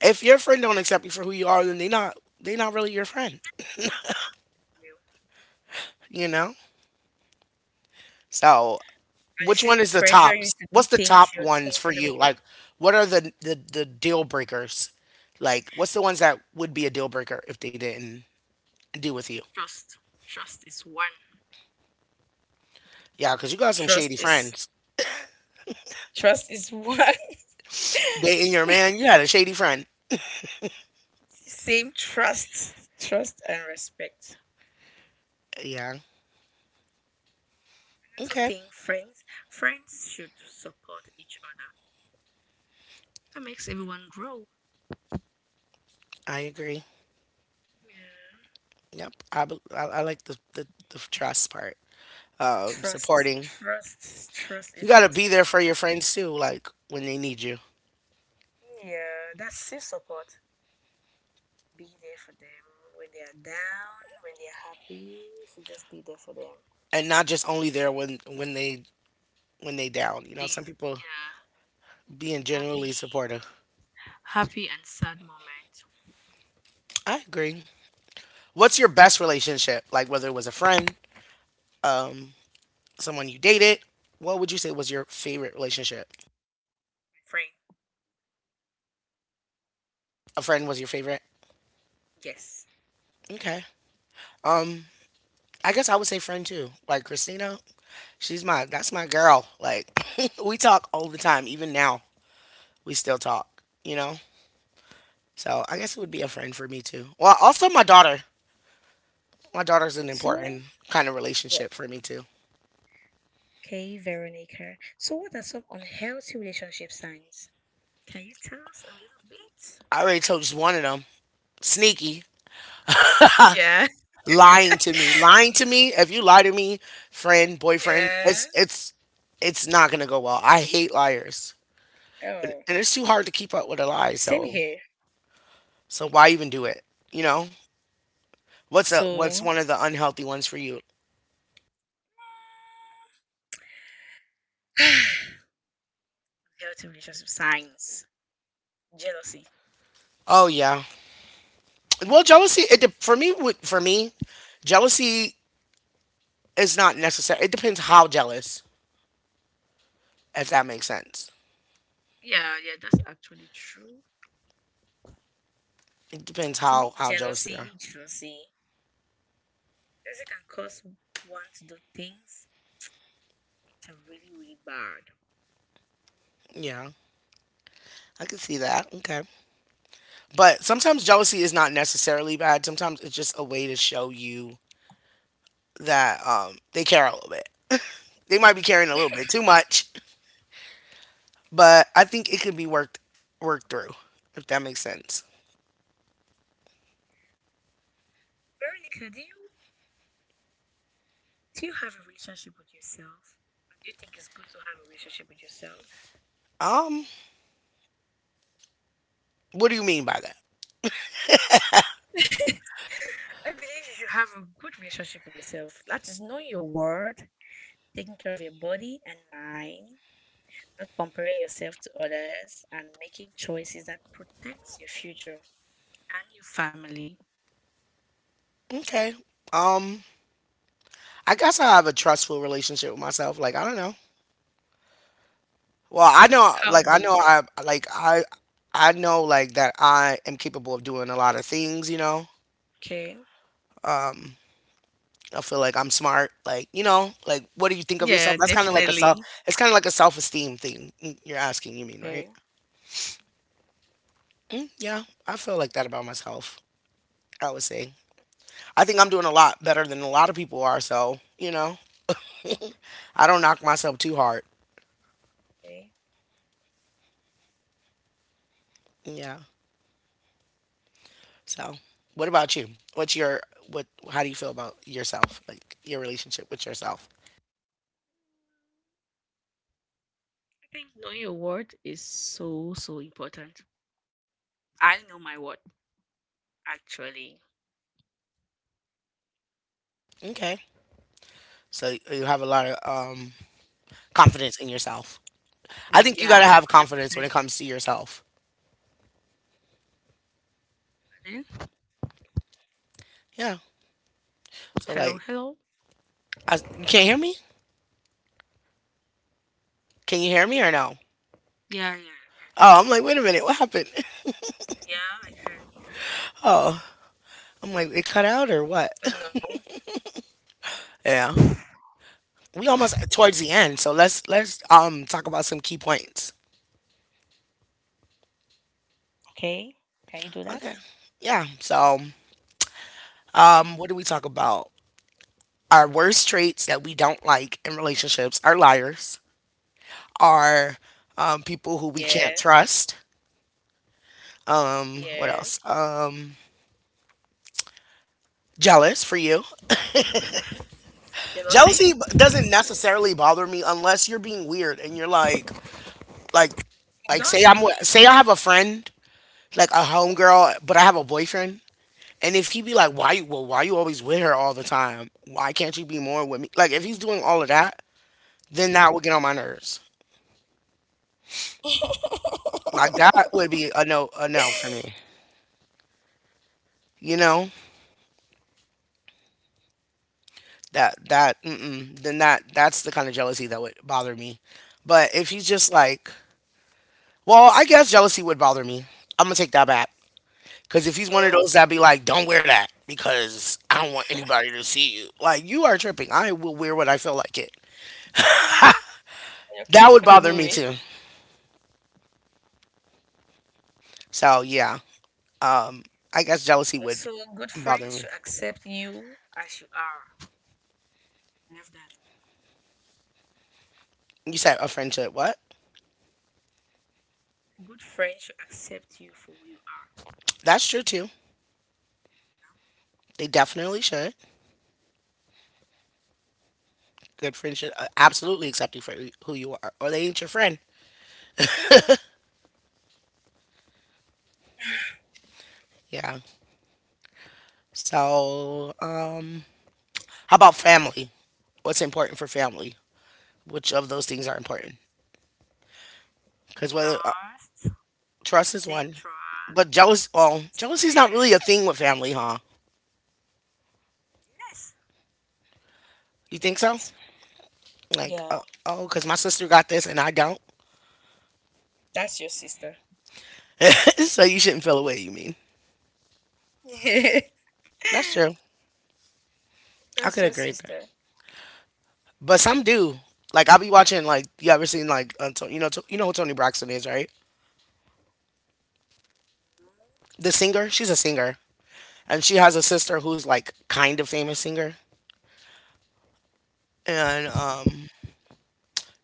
[SPEAKER 1] If your friend don't accept you for who you are, then they not really your friend,
[SPEAKER 2] Yeah.
[SPEAKER 1] you know. So—
[SPEAKER 2] And they
[SPEAKER 1] which one
[SPEAKER 2] shouldn't
[SPEAKER 1] is the
[SPEAKER 2] pressure you
[SPEAKER 1] tops?
[SPEAKER 2] to do
[SPEAKER 1] What's the
[SPEAKER 2] things
[SPEAKER 1] top
[SPEAKER 2] you're
[SPEAKER 1] ones for
[SPEAKER 2] comfortable
[SPEAKER 1] you? Like,
[SPEAKER 2] with.
[SPEAKER 1] what are the deal breakers? Like, what's the ones that would be a deal breaker if they didn't do with you?
[SPEAKER 2] Trust. Trust is one.
[SPEAKER 1] Yeah, because you got some
[SPEAKER 2] Trust
[SPEAKER 1] shady
[SPEAKER 2] is
[SPEAKER 1] friends.
[SPEAKER 2] one.
[SPEAKER 1] Dating your man, you had a shady friend.
[SPEAKER 2] Same trust. Trust and respect.
[SPEAKER 1] Yeah.
[SPEAKER 2] Also
[SPEAKER 1] Okay.
[SPEAKER 2] think friends should support each other. That makes everyone grow.
[SPEAKER 1] I agree.
[SPEAKER 2] Yeah.
[SPEAKER 1] Yep. I like the trust part.
[SPEAKER 2] Trust,
[SPEAKER 1] Supporting.
[SPEAKER 2] trust, trust
[SPEAKER 1] You
[SPEAKER 2] is the
[SPEAKER 1] got to
[SPEAKER 2] most
[SPEAKER 1] be there for your
[SPEAKER 2] important.
[SPEAKER 1] friends too, like when they need you,
[SPEAKER 2] Yeah, that's self support. Be there for them when they are down, when they are happy. So just be there for them.
[SPEAKER 1] and not just only there when they down. You know, some
[SPEAKER 2] Things,
[SPEAKER 1] people
[SPEAKER 2] yeah.
[SPEAKER 1] being generally
[SPEAKER 2] Happy,
[SPEAKER 1] supportive.
[SPEAKER 2] happy and sad moments.
[SPEAKER 1] I agree. What's your best relationship? Like whether it was a friend, um, someone you dated. What would you say was your favorite relationship?
[SPEAKER 2] Friend,
[SPEAKER 1] A friend was your favorite.
[SPEAKER 2] yes.
[SPEAKER 1] Okay. Um, I guess I would say friend too. Like Christina, she's my that's my girl. Like we talk all the time. Even now, we still talk. You know. So I guess it would be a friend for me too. Well, also my daughter. My daughter's an
[SPEAKER 2] So,
[SPEAKER 1] important kind of
[SPEAKER 2] what?
[SPEAKER 1] relationship for me too.
[SPEAKER 2] Okay, Veronica. So, what are some unhealthy relationship signs? Can you tell us a little bit?
[SPEAKER 1] I already told just one of them. Sneaky.
[SPEAKER 2] Yeah.
[SPEAKER 1] Lying to me, if you lie to me, friend, boyfriend,
[SPEAKER 2] Yeah.
[SPEAKER 1] it's not gonna go well. I hate liars, and
[SPEAKER 2] Oh,
[SPEAKER 1] and it's too hard to keep up with a lie,
[SPEAKER 2] same
[SPEAKER 1] so
[SPEAKER 2] here.
[SPEAKER 1] so why even do it you know what's
[SPEAKER 2] So,
[SPEAKER 1] one of the unhealthy ones for you?
[SPEAKER 2] healthy relationship signs. Jealousy.
[SPEAKER 1] Oh yeah. Well, jealousy— for me would— for me, jealousy is not necessary. It depends how jealous if that makes sense.
[SPEAKER 2] Yeah, yeah, that's actually true.
[SPEAKER 1] It depends
[SPEAKER 2] To me,
[SPEAKER 1] how jealous they are
[SPEAKER 2] jealousy, jealousy, jealousy can cause one to do things which are really, really bad.
[SPEAKER 1] yeah, I can see that. Okay. But sometimes jealousy is not necessarily bad. Sometimes it's just a way to show you that they care a little bit. They might be caring a little bit too much, but I think it could be worked through, if that makes sense.
[SPEAKER 2] Veronica, do you have a relationship with yourself? And do you think it's good to have a relationship with yourself?
[SPEAKER 1] Um, what do you mean by that?
[SPEAKER 2] I believe you should have a good relationship with yourself. That is knowing your worth, taking care of your body and mind, not comparing yourself to others, and making choices that protects your future and your family.
[SPEAKER 1] Okay. Um, I guess I have a trustful relationship with myself. Like, I don't know. Well, I know.
[SPEAKER 2] How
[SPEAKER 1] Like, I know.
[SPEAKER 2] good?
[SPEAKER 1] I— like, I. I know like that I am capable of doing a lot of things. You know.
[SPEAKER 2] Okay.
[SPEAKER 1] Um, I feel like I'm smart. Like, like what do you think of yourself?
[SPEAKER 2] Yeah,
[SPEAKER 1] That's kind of like a self.
[SPEAKER 2] definitely.
[SPEAKER 1] It's kind of like a self esteem thing. You're asking, you mean, right?
[SPEAKER 2] Okay.
[SPEAKER 1] Mm, yeah, I feel like that about myself. I would say I think I'm doing a lot better than a lot of people are. So, you know, I don't knock myself too hard.
[SPEAKER 2] Okay.
[SPEAKER 1] Yeah. So, what about you? What's your— what? How do you feel about yourself? Like your relationship with yourself?
[SPEAKER 2] I think knowing your worth is so so important. I know my worth actually.
[SPEAKER 1] Okay. So you have a lot of confidence in yourself. I think you
[SPEAKER 2] Yeah,
[SPEAKER 1] gotta have confidence when it
[SPEAKER 2] 100%.
[SPEAKER 1] comes to yourself.
[SPEAKER 2] Then,
[SPEAKER 1] Yeah. So
[SPEAKER 2] hello,
[SPEAKER 1] like—
[SPEAKER 2] hello.
[SPEAKER 1] I, you can't hear me? Can you hear me or no?
[SPEAKER 2] Yeah, yeah.
[SPEAKER 1] Oh, I'm like, wait a minute, what happened?
[SPEAKER 2] Yeah, I can.
[SPEAKER 1] Oh, I'm like, it cut out or what?
[SPEAKER 2] I don't know.
[SPEAKER 1] Yeah, we almost towards the end, so let's talk about some key points.
[SPEAKER 2] Okay, can you do that?
[SPEAKER 1] Okay, yeah. So,
[SPEAKER 2] Okay.
[SPEAKER 1] what do we talk about? Our worst traits that we don't like in relationships are liars, are people who we
[SPEAKER 2] Yeah,
[SPEAKER 1] can't trust. What
[SPEAKER 2] yeah.
[SPEAKER 1] else? Jealous for you.
[SPEAKER 2] Jealousy?
[SPEAKER 1] Jealousy doesn't necessarily bother me unless you're being weird and you're like, like
[SPEAKER 2] It
[SPEAKER 1] like
[SPEAKER 2] does
[SPEAKER 1] say
[SPEAKER 2] for me.
[SPEAKER 1] say I have a friend, like a homegirl, but I have a boyfriend, and if he be like, why you always with her all the time? Why can't you be more with me? Like if he's doing all of that, then that would get on my nerves. Like that
[SPEAKER 2] A
[SPEAKER 1] would be a no for me. You know that that— mm-mm, then that's the kind of jealousy that would bother me. But if he's just like, well, I guess jealousy would bother me. I'm gonna take that back. Because if he's one of
[SPEAKER 2] lot.
[SPEAKER 1] those that be like, don't wear that because I don't want anybody to see you. Like, you are tripping. I will wear what I feel like it.
[SPEAKER 2] You're
[SPEAKER 1] That would
[SPEAKER 2] comfortable
[SPEAKER 1] bother me
[SPEAKER 2] with.
[SPEAKER 1] too. So, yeah. Um, I guess jealousy would
[SPEAKER 2] Also, good
[SPEAKER 1] bother
[SPEAKER 2] friends
[SPEAKER 1] me.
[SPEAKER 2] should accept you as you are. Love that.
[SPEAKER 1] You said a friendship. What?
[SPEAKER 2] Good friends should accept you for who you are.
[SPEAKER 1] That's true too. They definitely should. Good friendship. Absolutely accept you for who you are, or they ain't your friend. Yeah. So, how about family? What's important for family? Which of those things are important? Because whether—
[SPEAKER 2] Trust.
[SPEAKER 1] trust is
[SPEAKER 2] Same
[SPEAKER 1] one,
[SPEAKER 2] trust.
[SPEAKER 1] but jealous. Oh, jealousy's not really a thing with family, huh?
[SPEAKER 2] Yes.
[SPEAKER 1] You think so?
[SPEAKER 2] Yes. Yeah.
[SPEAKER 1] Oh, because my sister got this and I don't.
[SPEAKER 2] That's your sister.
[SPEAKER 1] So you shouldn't feel away. You mean? That's true. I
[SPEAKER 2] That's
[SPEAKER 1] could
[SPEAKER 2] your
[SPEAKER 1] agree with that.
[SPEAKER 2] sister.
[SPEAKER 1] But some do. Like I'll be watching. Like you ever seen you know who Tony Braxton is, right? The singer. She's a singer, and she has a sister who's like kind of famous singer. And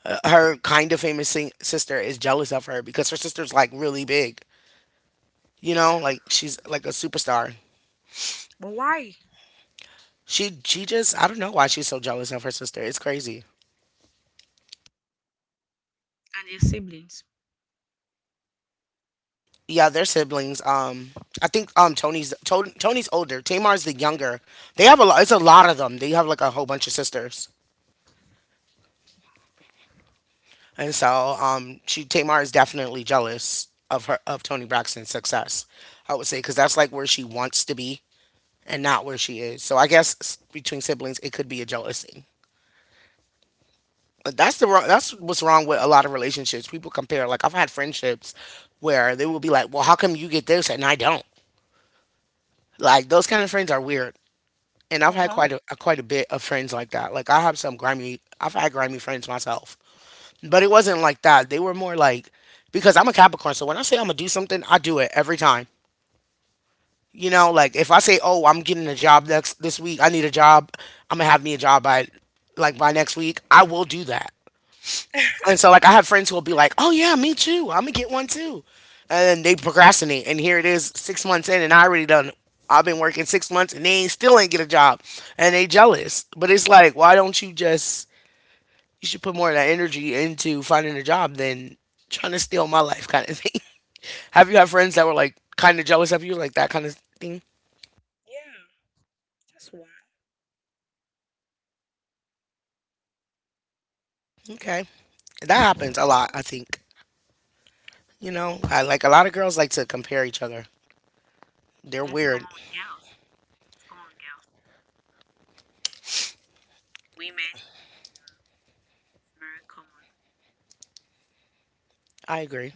[SPEAKER 1] her kind of famous sister is jealous of her because her sister's like really big. You know, like
[SPEAKER 2] Yeah.
[SPEAKER 1] she's like a superstar.
[SPEAKER 2] But why? And
[SPEAKER 1] She just I don't know why she's so jealous of her sister. It's crazy.
[SPEAKER 2] your siblings.
[SPEAKER 1] Yeah, they're siblings. I think Tony's older. Tamar's the younger. They have a lot. It's a lot of them. They have like a whole bunch of sisters, and so she Tamar is definitely jealous of her of Tony Braxton's success, I would say, because that's like where she wants to be and not where she is. So I guess between siblings, it could be a jealousy. But that's the wrong. That's what's wrong with a lot of relationships. People compare. Like I've had friendships where they will be like, "Well, how come you get this and I don't?" Like those kind of friends are weird, and I've
[SPEAKER 2] Uh
[SPEAKER 1] had
[SPEAKER 2] huh.
[SPEAKER 1] quite a bit of friends like that. Like I have some grimy. I've had grimy friends myself, but it wasn't like that. They were more like because I'm a Capricorn, so when I say I'm gonna do something, I do it every time. You know, like if I say, "Oh, I'm getting a job next this week. I need a job. I'm gonna have me a job by by next week." I will do that. And so, like, I have friends who will be like, "Oh yeah, me too. I'm gonna get one too," and then they procrastinate. And here it is, 6 months in, and I already done. I've been working 6 months, and they ain't still ain't get a job, and they jealous. But it's like, why don't you just? You should put more of that energy into finding a job than trying to steal my life, kind of thing. Have you had friends that were like kind of jealous of you, like that kind of thing?
[SPEAKER 2] Yeah, just one.
[SPEAKER 1] Okay, that happens a lot, I think. You know, I like a lot of girls like to compare each other. They're
[SPEAKER 2] That's
[SPEAKER 1] weird.
[SPEAKER 2] common with girls. It's common with girls. Women in general. It's very common.
[SPEAKER 1] I agree.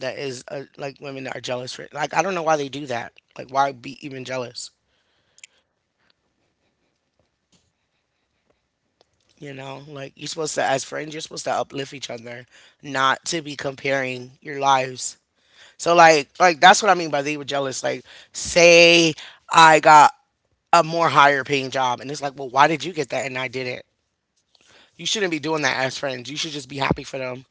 [SPEAKER 1] That is like women that are jealous for it. Like I don't know why they do that. Like why be even jealous? You know, like you're supposed to, as friends, you're supposed to uplift each other, not to be comparing your lives. So like that's what I mean by they were jealous. Like say I got a more higher paying job and it's like, well, why did you get that and I didn't? You shouldn't be doing that as friends. You should just be happy for them.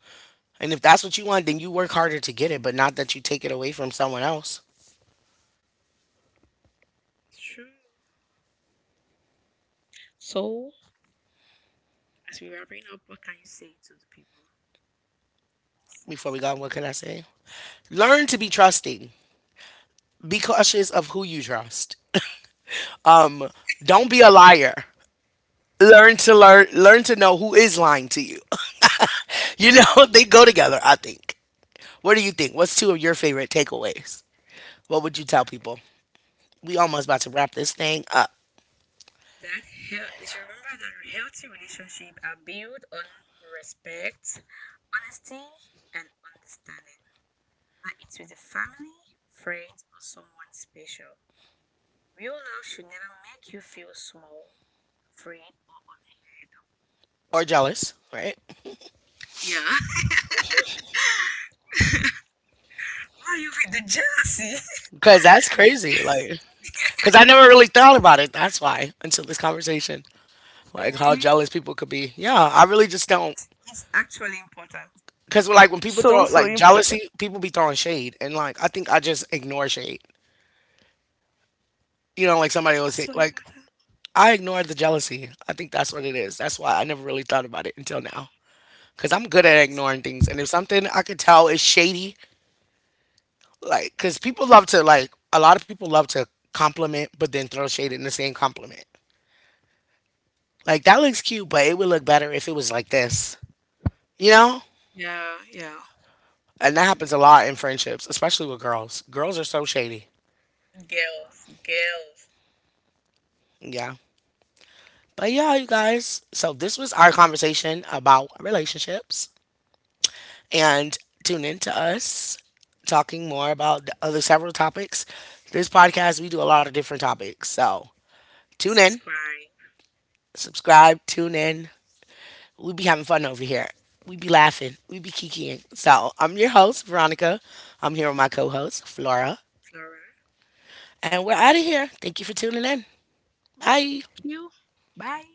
[SPEAKER 1] And if that's what you want, then you work harder to get it, but not that you take it away from someone else.
[SPEAKER 2] It's true. So, as we wrapping up, what can you say to the people,
[SPEAKER 1] Before
[SPEAKER 2] listeners?
[SPEAKER 1] we go, what can I say? Learn to be trusting. Be cautious of who you trust. Um, don't be a liar. Learn to learn. Learn to know who is lying to you. You know, they go together, I think. What do you think? What's two of your favorite takeaways? What would you tell people? We almost about to wrap this thing up.
[SPEAKER 2] That they should remember that healthy relationships are built on respect, honesty, and understanding. Whether it's with a family, friends, or someone special. Real love should never make you feel small, afraid, or
[SPEAKER 1] Or jealous, right?
[SPEAKER 2] unheard. Yeah. Why are you with the jealousy?
[SPEAKER 1] Because that's crazy. Like, because I never really thought about it. That's why until this conversation, like how
[SPEAKER 2] Really?
[SPEAKER 1] jealous people could be. Yeah, I really just don't.
[SPEAKER 2] It's actually important.
[SPEAKER 1] Because like when people
[SPEAKER 2] So,
[SPEAKER 1] throw
[SPEAKER 2] so
[SPEAKER 1] like
[SPEAKER 2] important.
[SPEAKER 1] jealousy, people be throwing shade, and like I think I just ignore shade. You know, like somebody would say,
[SPEAKER 2] So
[SPEAKER 1] like,
[SPEAKER 2] important.
[SPEAKER 1] I ignored the jealousy. I think that's what it is. That's why I never really thought about it until now. Cause I'm good at ignoring things. And if something I could tell is shady, like, cause people love to, like, a lot of people love to compliment, but then throw shade in the same compliment. Like, that looks cute, but it would look better if it was like this, you know?
[SPEAKER 2] Yeah, yeah.
[SPEAKER 1] And that happens a lot in friendships, especially with girls. Girls are so shady.
[SPEAKER 2] Girls, girls,
[SPEAKER 1] Yeah. But yeah, you guys. So this was our conversation about relationships, and tune in to us talking more about the other several topics. This podcast, we do a lot of different topics. So tune in,
[SPEAKER 2] subscribe.
[SPEAKER 1] subscribe, tune in. We be having fun over here. We be laughing. We be kikiing. So I'm your host, Veronica. I'm here with my co host, Flora.
[SPEAKER 2] Flora.
[SPEAKER 1] And we're out of here. Thank you for tuning in. Bye.
[SPEAKER 2] You. Bye.